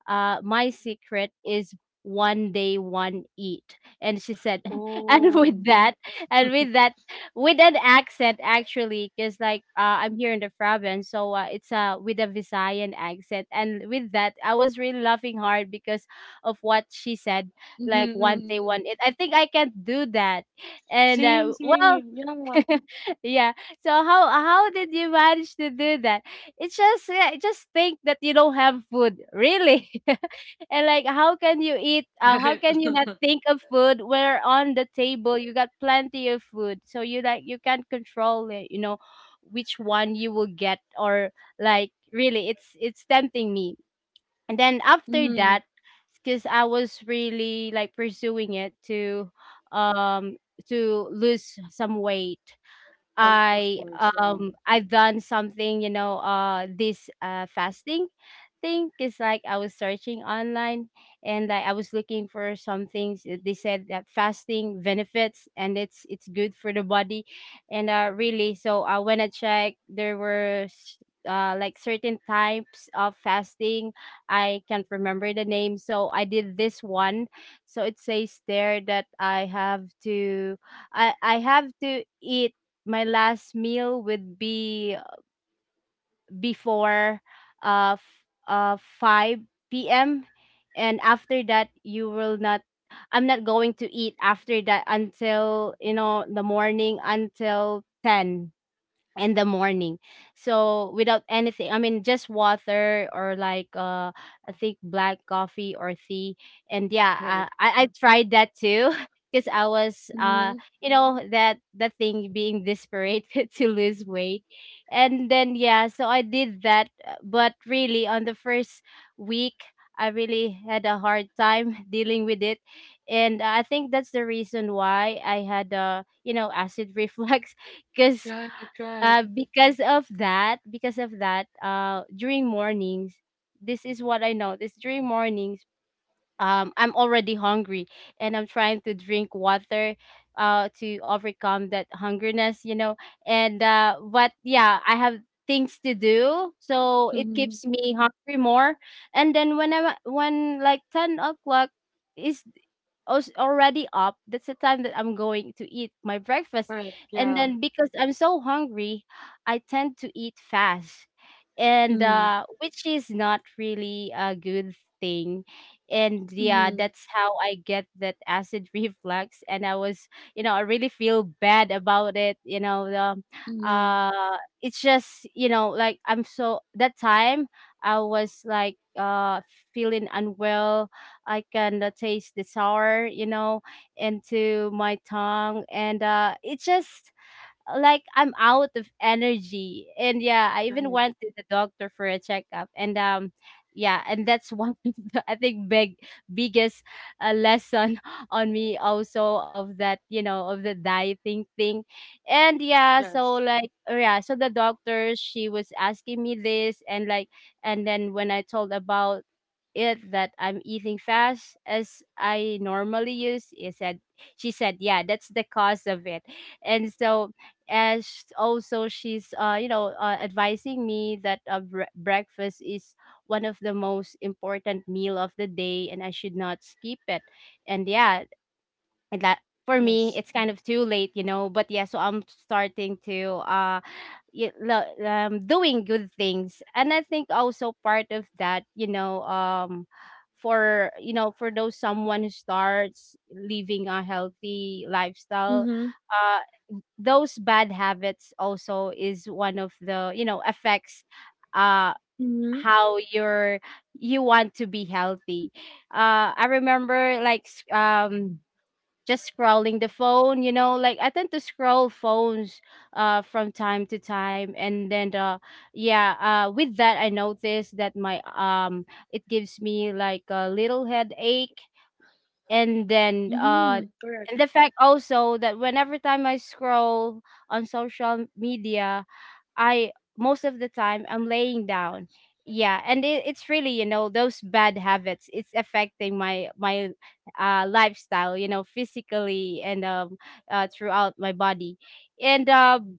B: "My secret is one day one eat," and she said, <laughs> and with
A: Oh.
B: that, and with that, with an accent, actually, because, like, I'm here in the province, so, it's, with a Visayan accent, and with that I was really laughing hard because of what she said, like,
A: Mm-hmm,
B: one day
A: mm-hmm.
B: one it, I think I can't do that, and,
A: Same,
B: well,
A: same. You know what?
B: <laughs> yeah. So how did you manage to do that? It's just, yeah, just think that you don't have food, really. <laughs> And, like,
A: <laughs>
B: how
A: Right.
B: can you not think of food where on the table you got plenty of food. So you, like, you can't control it, you know, which one you will get, or, like, really, it's tempting me. And then after
A: Mm-hmm.
B: that, because I was really, like, pursuing it, um to lose some weight,
A: Of course, yeah.
B: I've done something, you know, this, fasting thing because, like, I was searching online, and, like, I was looking for some things. They said that fasting benefits, and it's good for the body, and, really. So, when I checked, there were, like, certain types of fasting. I can't remember the name, so I did this one. So it says there that I have to eat. My last meal would be before, 5 p.m., and after that, you will not I'm not going to eat after that until, the morning, until 10 in the morning, so without anything, I mean, just water, or, like, I think, black coffee or tea. And yeah,
A: Right.
B: I tried that too <laughs> because I was,
A: Mm-hmm.
B: that thing being desperate, <laughs> to lose weight, and then, yeah, so I did that, but really, on the first week, I really had a hard time <laughs> dealing with it. And I think that's the reason why I had, acid reflux, <laughs> because,
A: Right, right.
B: because of that, during mornings, this is what I noticed. During mornings, I'm already hungry and I'm trying to drink water to overcome that hungriness, And but yeah, I have things to do so it
A: Mm-hmm.
B: keeps me hungry more. And then when like 10 o'clock is already up, that's the time that I'm going to eat my breakfast.
A: Correct,
B: And
A: yeah.
B: then because I'm so hungry, I tend to eat fast, and
A: Mm-hmm.
B: which is not really a good thing. And yeah,
A: Mm-hmm.
B: that's how I get that acid <laughs> reflux. And I was, I really feel bad about it,
A: Mm-hmm.
B: it's just, you know, like I'm, so that time I was like feeling unwell. I can taste the sour, you know, into my tongue, and it just like I'm out of energy. And yeah, I even
A: Right.
B: went to the doctor for a checkup. And yeah, and that's one <laughs> of the, I think, biggest lesson <laughs> on me also of that, you know, of the dieting thing. And yeah, so
A: Yes.
B: like oh, yeah, so the doctor, she was asking me this and like, and then when I told about it that I'm eating fast as I normally use, he said she said, yeah, that's the cause of it. And so as also she's advising me that breakfast is one of the most important meal of the day and I should not skip it. And yeah, and that for me
A: Yes.
B: it's kind of too late, you know, but yeah, so I'm starting to doing good things. And I think also part of that, for, you know, for those someone who starts living a healthy lifestyle,
A: Mm-hmm.
B: uh those bad habits also is one of the, you know, affects uh
A: Mm-hmm.
B: how you're, you want to be healthy. Uh, I remember like just scrolling the phone, you know, like I tend to scroll phones from time to time, and then yeah. Uh, with that I noticed that my it gives me like a little headache. And then
A: Mhm. Correct.
B: and the fact also that whenever time I scroll on social media, I, most of the time, I'm laying down. Yeah, and it's really, you know, those bad habits. It's affecting my lifestyle, you know, physically and throughout my body, and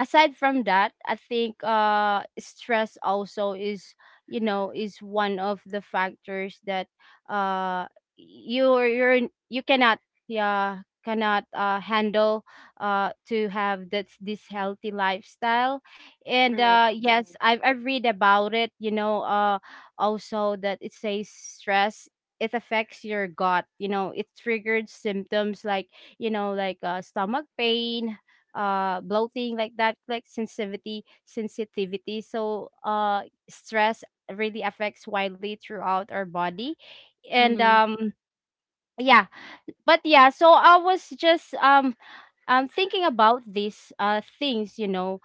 B: aside from that, I think stress also is, you know, is one of the factors that uh you cannot, yeah, cannot handle to have that's this healthy lifestyle. And
A: Correct. Correct.
B: yes, I've read about it, you know, also that it says stress, it affects your gut, you know, it triggered symptoms like, you know, like stomach pain, bloating like that, like sensitivity, so stress really affects widely throughout our body. And
A: Mhm.
B: yeah, but yeah, so I was just thinking about these things, you know,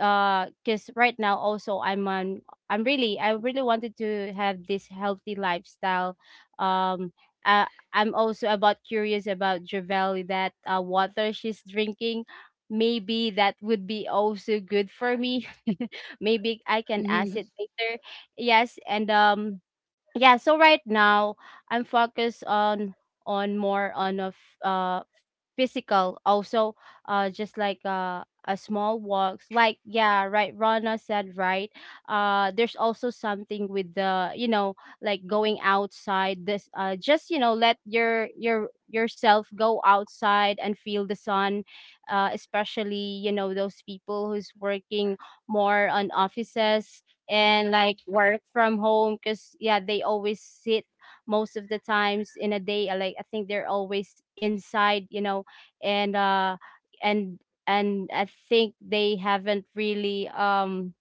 B: because right now also I'm on I'm really I really wanted to have this healthy lifestyle. um uh, I'm also about curious about Javeli, that water she's drinking. Maybe that would be also good for me. <laughs> Maybe I can
A: Mhm.
B: ask it later. Yes, and yeah, so right now I'm focused on more on a physical also, just like a small walks, like yeah, right, Rana said, right? Uh, there's also something with the, you know, like going outside. This just, you know, let your yourself go outside and feel the sun, especially, you know, those people who's working more on offices and like work from home, because yeah, they always sit most of the times in a day, like I think they're always inside, you know. and uh and and I think they haven't really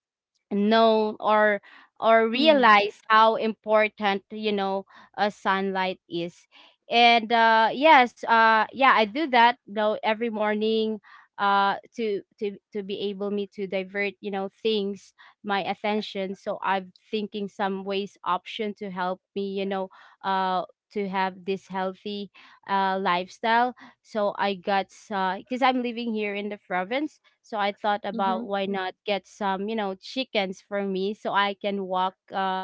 B: know or
A: Mhm.
B: realize how important, you know, sunlight is. And yes, yeah, I do that, you know, every morning, to be able me to divert, you know, things, my attention. So I'm thinking some ways option to help me, you know, uh to have this healthy lifestyle. So I got, because I'm living here in the province, so I thought
A: Mhm.
B: about why not get some, you know, chickens for me so I can walk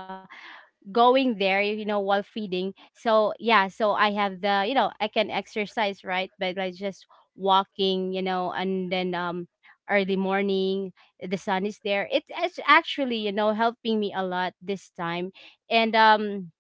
B: going there, you know, while feeding. So yeah, so I have the, you know, I can exercise, right? But like just walking, you know, and then early morning, the sun is there. It is actually, you know, helping me a lot this time. And um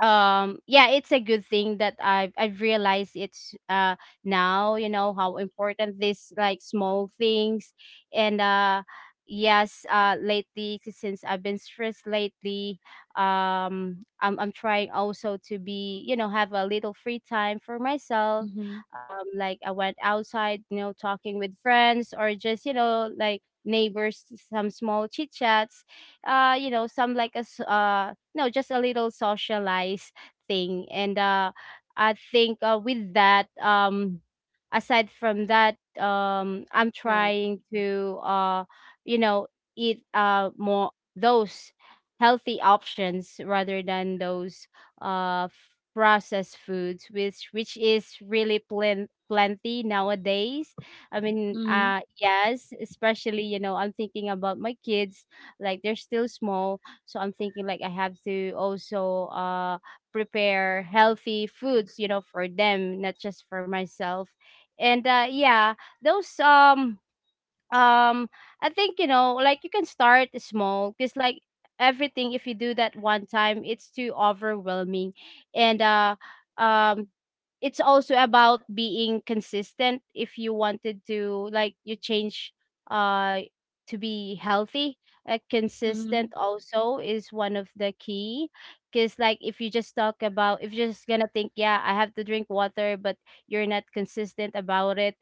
B: um yeah, it's a good thing that I've realized it's now, you know, how important this like small things. And yes, lately since I've been stressed lately, I'm trying also to be, you know, have a little free time for myself.
A: Mhm.
B: Um, like I went outside, you know, talking with friends or just, you know, like neighbors, some small chit chats, you know, some like a no, just a little socialized thing. And I think with that aside from that, I'm
A: Right.
B: trying to you know, eat more those healthy options rather than those processed foods, which is really plenty nowadays. I mean,
A: Mhm.
B: yes, especially, you know, I'm thinking about my kids, like they're still small. So I'm thinking like I have to also prepare healthy foods, you know, for them, not just for myself. And yeah, those um I think, you know, like you can start small, because like everything, if you do that one time, it's too overwhelming. And um it's also about being consistent. If you wanted to like you change uh to be healthy,
A: Mhm.
B: consistent also is one of the key. Because like if you just talk about, if you're just gonna think, yeah, I have to drink water, but you're not consistent about it,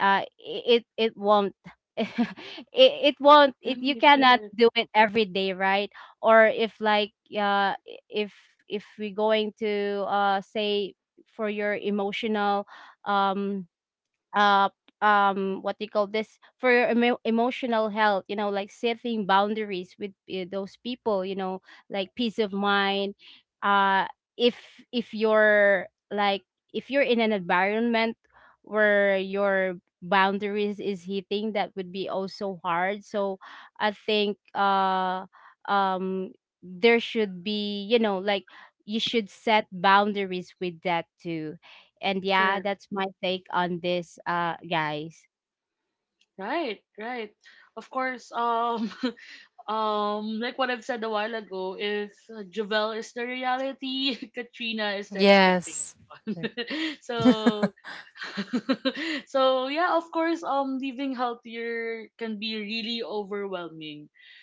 B: it won't, <laughs> it, it won't, it,
A: Right,
B: you
A: right,
B: cannot do it every day, right? Or if like, uh if if we're going to say for your emotional, um uh what do you call this, for your emotional health, you know, like setting boundaries with those people, you know, like peace of mind. Uh, if you're like, if you're in an environment where your boundaries is hitting, that would be also hard. So I think um there should be, you know, like, you should set boundaries with that too. And
A: correct.
B: yeah, that's my take on this, guys.
A: Right, right. Of course, <laughs> like what I've said a while ago, if Javel is the reality, <laughs> Katrina is the expectation.
C: Yes.
A: <laughs> So, <laughs> so yeah, of course, living healthier can be really overwhelming,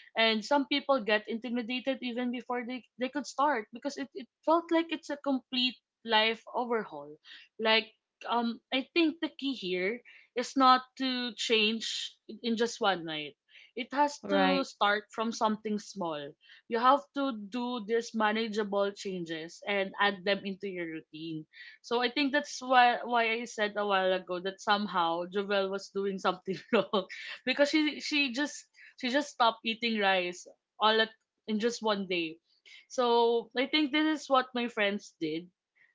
A: and some people get intimidated even before they could start because it felt like it's a complete life overhaul. Like, I think the key here is not to change in just one night, it has to
B: Right.
A: start from something small. You have to do these manageable changes and add them into your routine. So I think that's why I said a while ago that somehow Jovel was doing something <laughs> wrong because she just stopped eating rice all at in just one day. So I think this is what my friends did.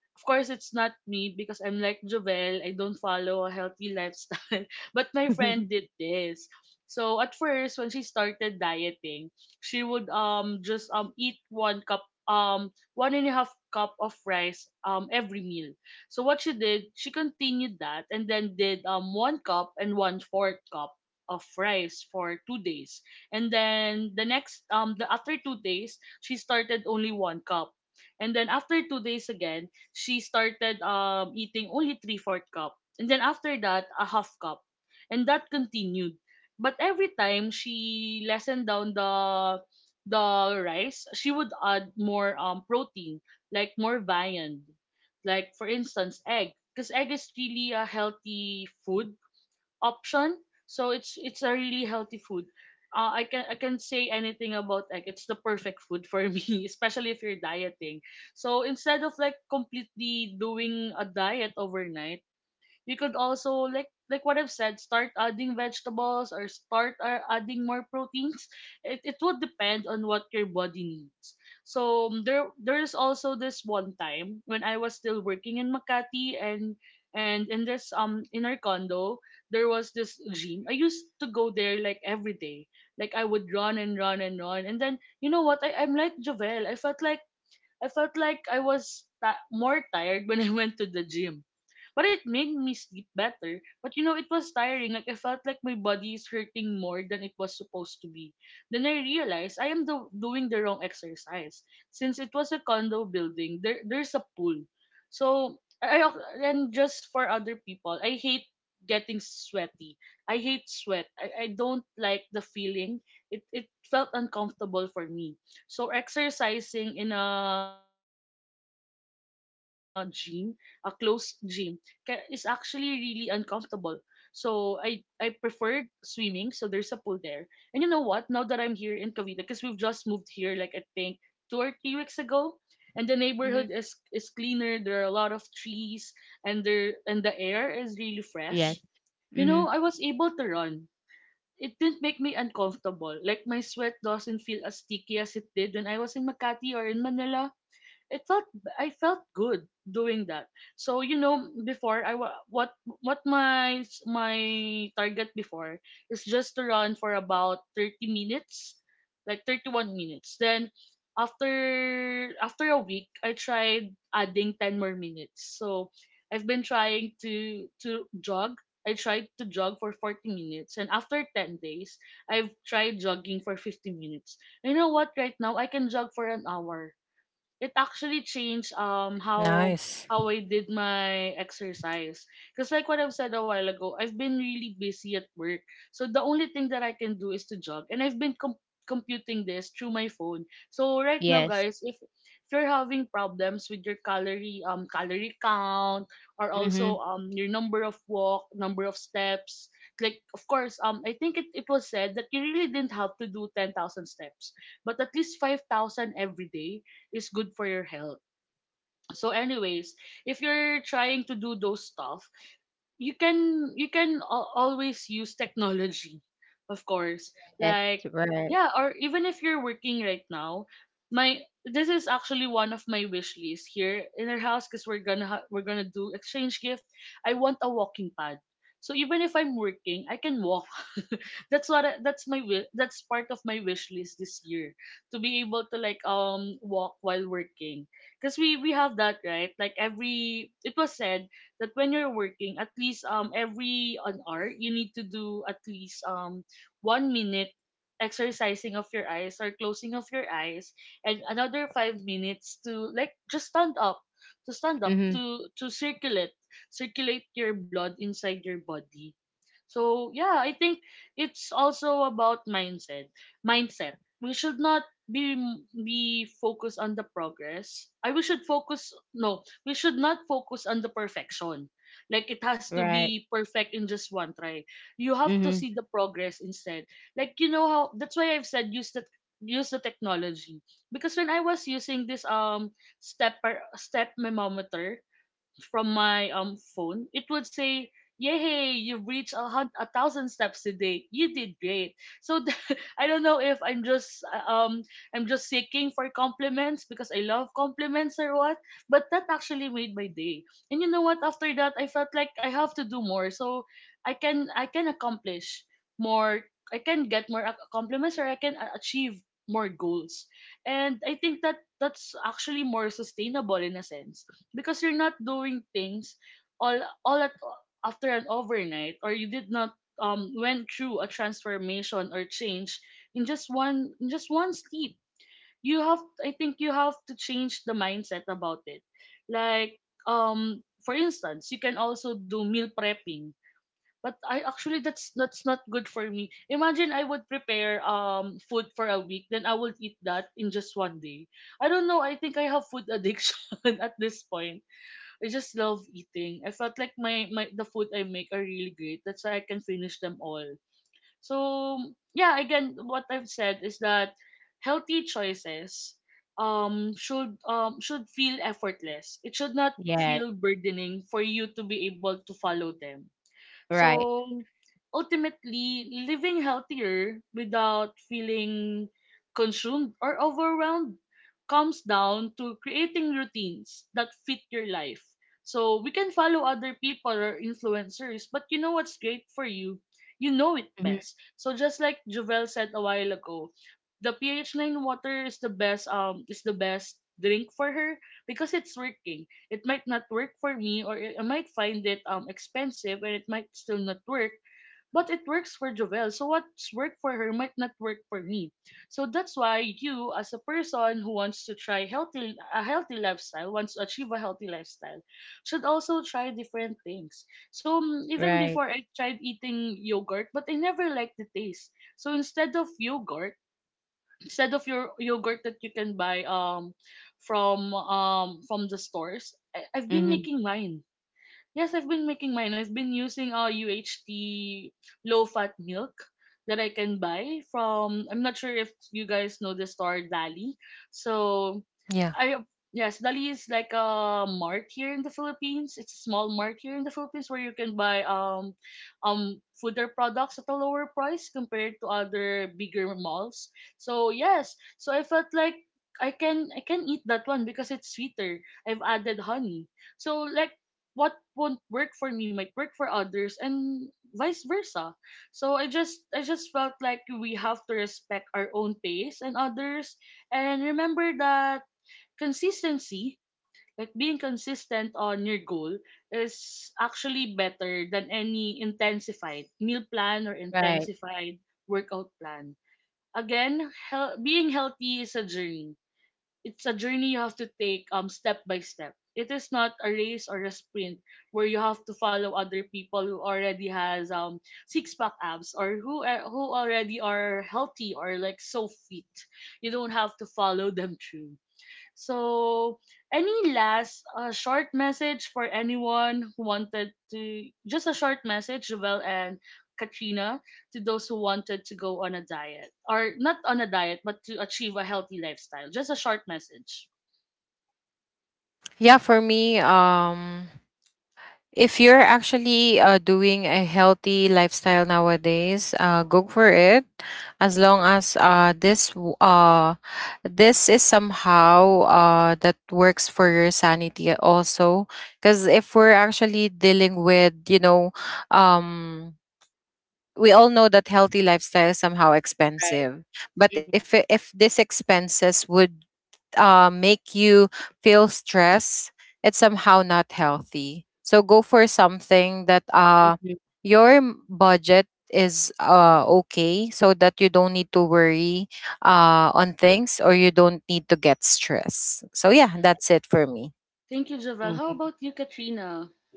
A: Of course, it's not me because I'm like Jovel. I don't follow a healthy lifestyle. <laughs> But my friend did
B: <laughs>
A: this. So at first, when she started dieting, she would just eat one cup one and a half cup of rice every meal. So what she did, she continued that and then did one cup and one fourth cup of rice for 2 days. And then the next the after 2 days, she started only one cup. And then after 2 days again, she started eating only three fourth cup, and then after that a half cup, and that continued. But every time she lessened down the rice, she would add more protein, like more viand, like for instance egg, because egg is really a healthy food option. So it's a really healthy food. I can say anything about egg. It's the perfect food for <laughs> me, especially if you're dieting. So instead of like completely doing a diet overnight, you could also like what I've said, start adding vegetables or start adding more proteins. It would depend on what your body needs. So there is also this one time when I was still working in Makati and in our condo there was this gym. I used to go there like every day. Like I would run and run and run, and then you know what, I'm like Jovel. I felt like I was more tired when I <laughs> went to the gym. But it made me sleep better. But you know, it was tiring. Like, I felt like my body is hurting more than it was supposed to be. Then I realized doing the wrong exercise. Since it was a condo building, there's a pool. So, and just for other people, I hate getting sweaty. I hate sweat. I don't like the feeling. It felt uncomfortable for me. So exercising in a gym, a closed gym, is actually really uncomfortable. So I preferred swimming, so there's a pool there. And you know what? Now that I'm here in Cavite, because we've just moved here, like I think 2 or 3 weeks ago, and the neighborhood
B: Mm-hmm.
A: is cleaner. There are a lot of trees, and the air is really fresh.
B: Yes.
A: You know,
B: Mm-hmm.
A: I was able to run. It didn't make me uncomfortable. Like my sweat doesn't feel as sticky as it did when I was in Makati or in Manila. It felt I felt good doing that. So before I wa- what my s- my target before is just to run for about 30 minutes, like 31 minutes. Then after after a week, I tried adding ten more minutes. So I've been trying to jog. I tried to jog for 40 minutes, and after 10 days, I've tried jogging for 50 minutes. You know what? Right now, I can jog for an hour. It actually changed
C: Nice.
A: how I did my exercise. Because like what I've said a while ago, I've been really busy at work. So the only thing that I can do is to jog. And computing this through my phone. So right now guys,
B: Yes.
A: if you're having problems with your calorie count, or also
B: Mm-hmm.
A: your number of walk, number of steps, like of course, I think it was said that you really didn't have to do 10,000 steps, but at least 5,000 every day is good for your health. So anyways, if you're trying to do those stuff, you always use technology, of course,
B: That's
A: like,
B: right.
A: yeah. Or even if you're working right now, my this is actually one of my wish lists here in our house, because we're gonna do exchange gift. I want a walking pad, so even if I'm working, I can walk. <laughs> That's that's my that's part of my wish list this year, to be able to like walk while working. Because we have that, right? Like every, it was said that when you're working, at least every an hour, you need to do at least one minute exercising of your eyes, or closing of your eyes, and another five minutes to like just stand up,
B: Mm-hmm.
A: to circulate, circulate your blood inside your body. So yeah, I think it's also about mindset, mindset. We should not be be focused on the progress. I We should focus, no, we should not focus on the perfection. Like it has to
B: Right.
A: be perfect in just one try. You have to see
B: Mm-hmm.
A: the progress instead. Like you know how, that's why I've said, use the technology, because when I was using this step memometer from my phone, it would say, "Yay, you reached a thousand steps today. You did great." So <laughs> I don't know if I'm just I'm just seeking for compliments because I love compliments, or what, but that actually made my day. And you know what? After that, I felt like I have to do more, so I can accomplish more. I can get more compliments, or I can achieve more goals. And I think that's actually more sustainable in a sense, because you're not doing things all all at after an overnight, or you did not went through a transformation or change in just one sleep. You have I think you have to change the mindset about it. Like, for instance, you can also do meal prepping, but I actually that's not good for me. Imagine I would prepare food for a week, then I would eat that in just one day. I don't know, I think I have food addiction. <laughs> At this point, I just love eating. I felt like my the food I make are really great. That's why I can finish them all. So yeah, again, what I've said is that healthy choices should feel effortless. It should not feel
B: Yes.
A: burdening for you to be able to follow them.
B: Right.
A: So, ultimately, living healthier without feeling consumed or overwhelmed comes down to creating routines that fit your life. So, we can follow other people or influencers, but you know what's great for you? You know it best.
B: Mm-hmm.
A: So, just like Jovel said a while ago, the pH nine water is the best drink for her, because it's working. It might not work for me, or I might find it expensive and it might still not work. But it works for Jovel. So what's worked for her might not work for me. So that's why you, as a person who wants to try healthy a healthy lifestyle, wants to achieve a healthy lifestyle, should also try different things. So even before
B: Right.
A: I tried eating yogurt, but I never liked the taste. So instead of yogurt, instead of your yogurt that you can buy from the stores, I've been
B: Mm-hmm.
A: making mine. Yes, I've been making mine. I've been using UHT low fat milk that I can buy from. I'm not sure if you guys know the store Dali. So,
C: Yeah.
A: I yes, Dali is like a mart here in the Philippines. It's a small mart here in the Philippines where you can buy fooder products at a lower price compared to other bigger malls. So yes, so I felt like I can eat that one because it's sweeter. I've added honey. So like what won't work for me might work for others, and vice versa. So I just felt like we have to respect our own pace and others, and remember that consistency, like being consistent on your goal, is actually better than any intensified meal plan or
B: Right.
A: intensified workout plan. Again, being healthy is a journey. It's a journey you have to take step by step. It is not a race or a sprint where you have to follow other people who already has six pack abs, or who already are healthy or like so fit. You don't have to follow them through. So, any last short message for anyone who wanted to, just a short message, Jovel and Katrina, to those who wanted to go on a diet, or not on a diet, but to achieve a healthy lifestyle? Just a short message.
C: Yeah, for me, if you're actually, doing a healthy lifestyle nowadays, go for it. As long as, this is somehow, that works for your sanity also. Because if we're actually dealing with, you know, um, we all know that healthy lifestyle is somehow
B: Right.
C: expensive. But if
B: Mm-hmm.
C: if this expenses would, make you feel stress, it's somehow not healthy. So go for something that, your budget is, okay, so that you don't need to worry, on things or you don't need to get stressed. So, yeah, that's it for me.
A: Thank you, Jovel. How
B: Mm-hmm.
A: about you, Katrina?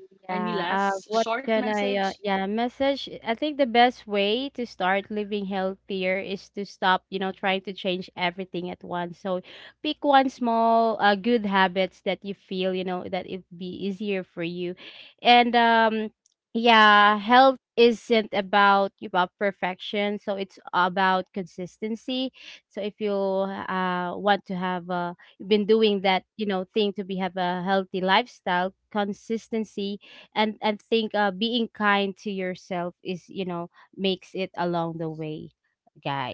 A: Any
B: Yeah,
A: last
B: what
A: short
B: can I,
A: message?
B: yeah, message? I think the best way to start living healthier is to stop, you know, trying to change everything at once. So pick one small, good habits that you feel, you know, that it be easier for you. And yeah, health isn't about perfection, so it's about consistency. So if you want to have a been doing that, you know, thing to be have a healthy lifestyle, consistency, and think being kind to yourself is, you know, makes it along the way,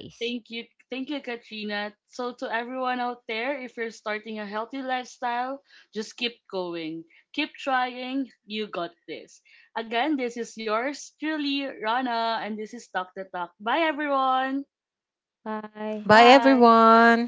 A: Thank you. Thank you, Katrina. So, to everyone out there, if you're starting a healthy lifestyle, just keep going. Keep trying. You got this. Again, this is yours truly, Rana, and this is Talk the Talk. Bye, everyone.
C: Bye,
B: Bye.
A: Bye.
C: everyone.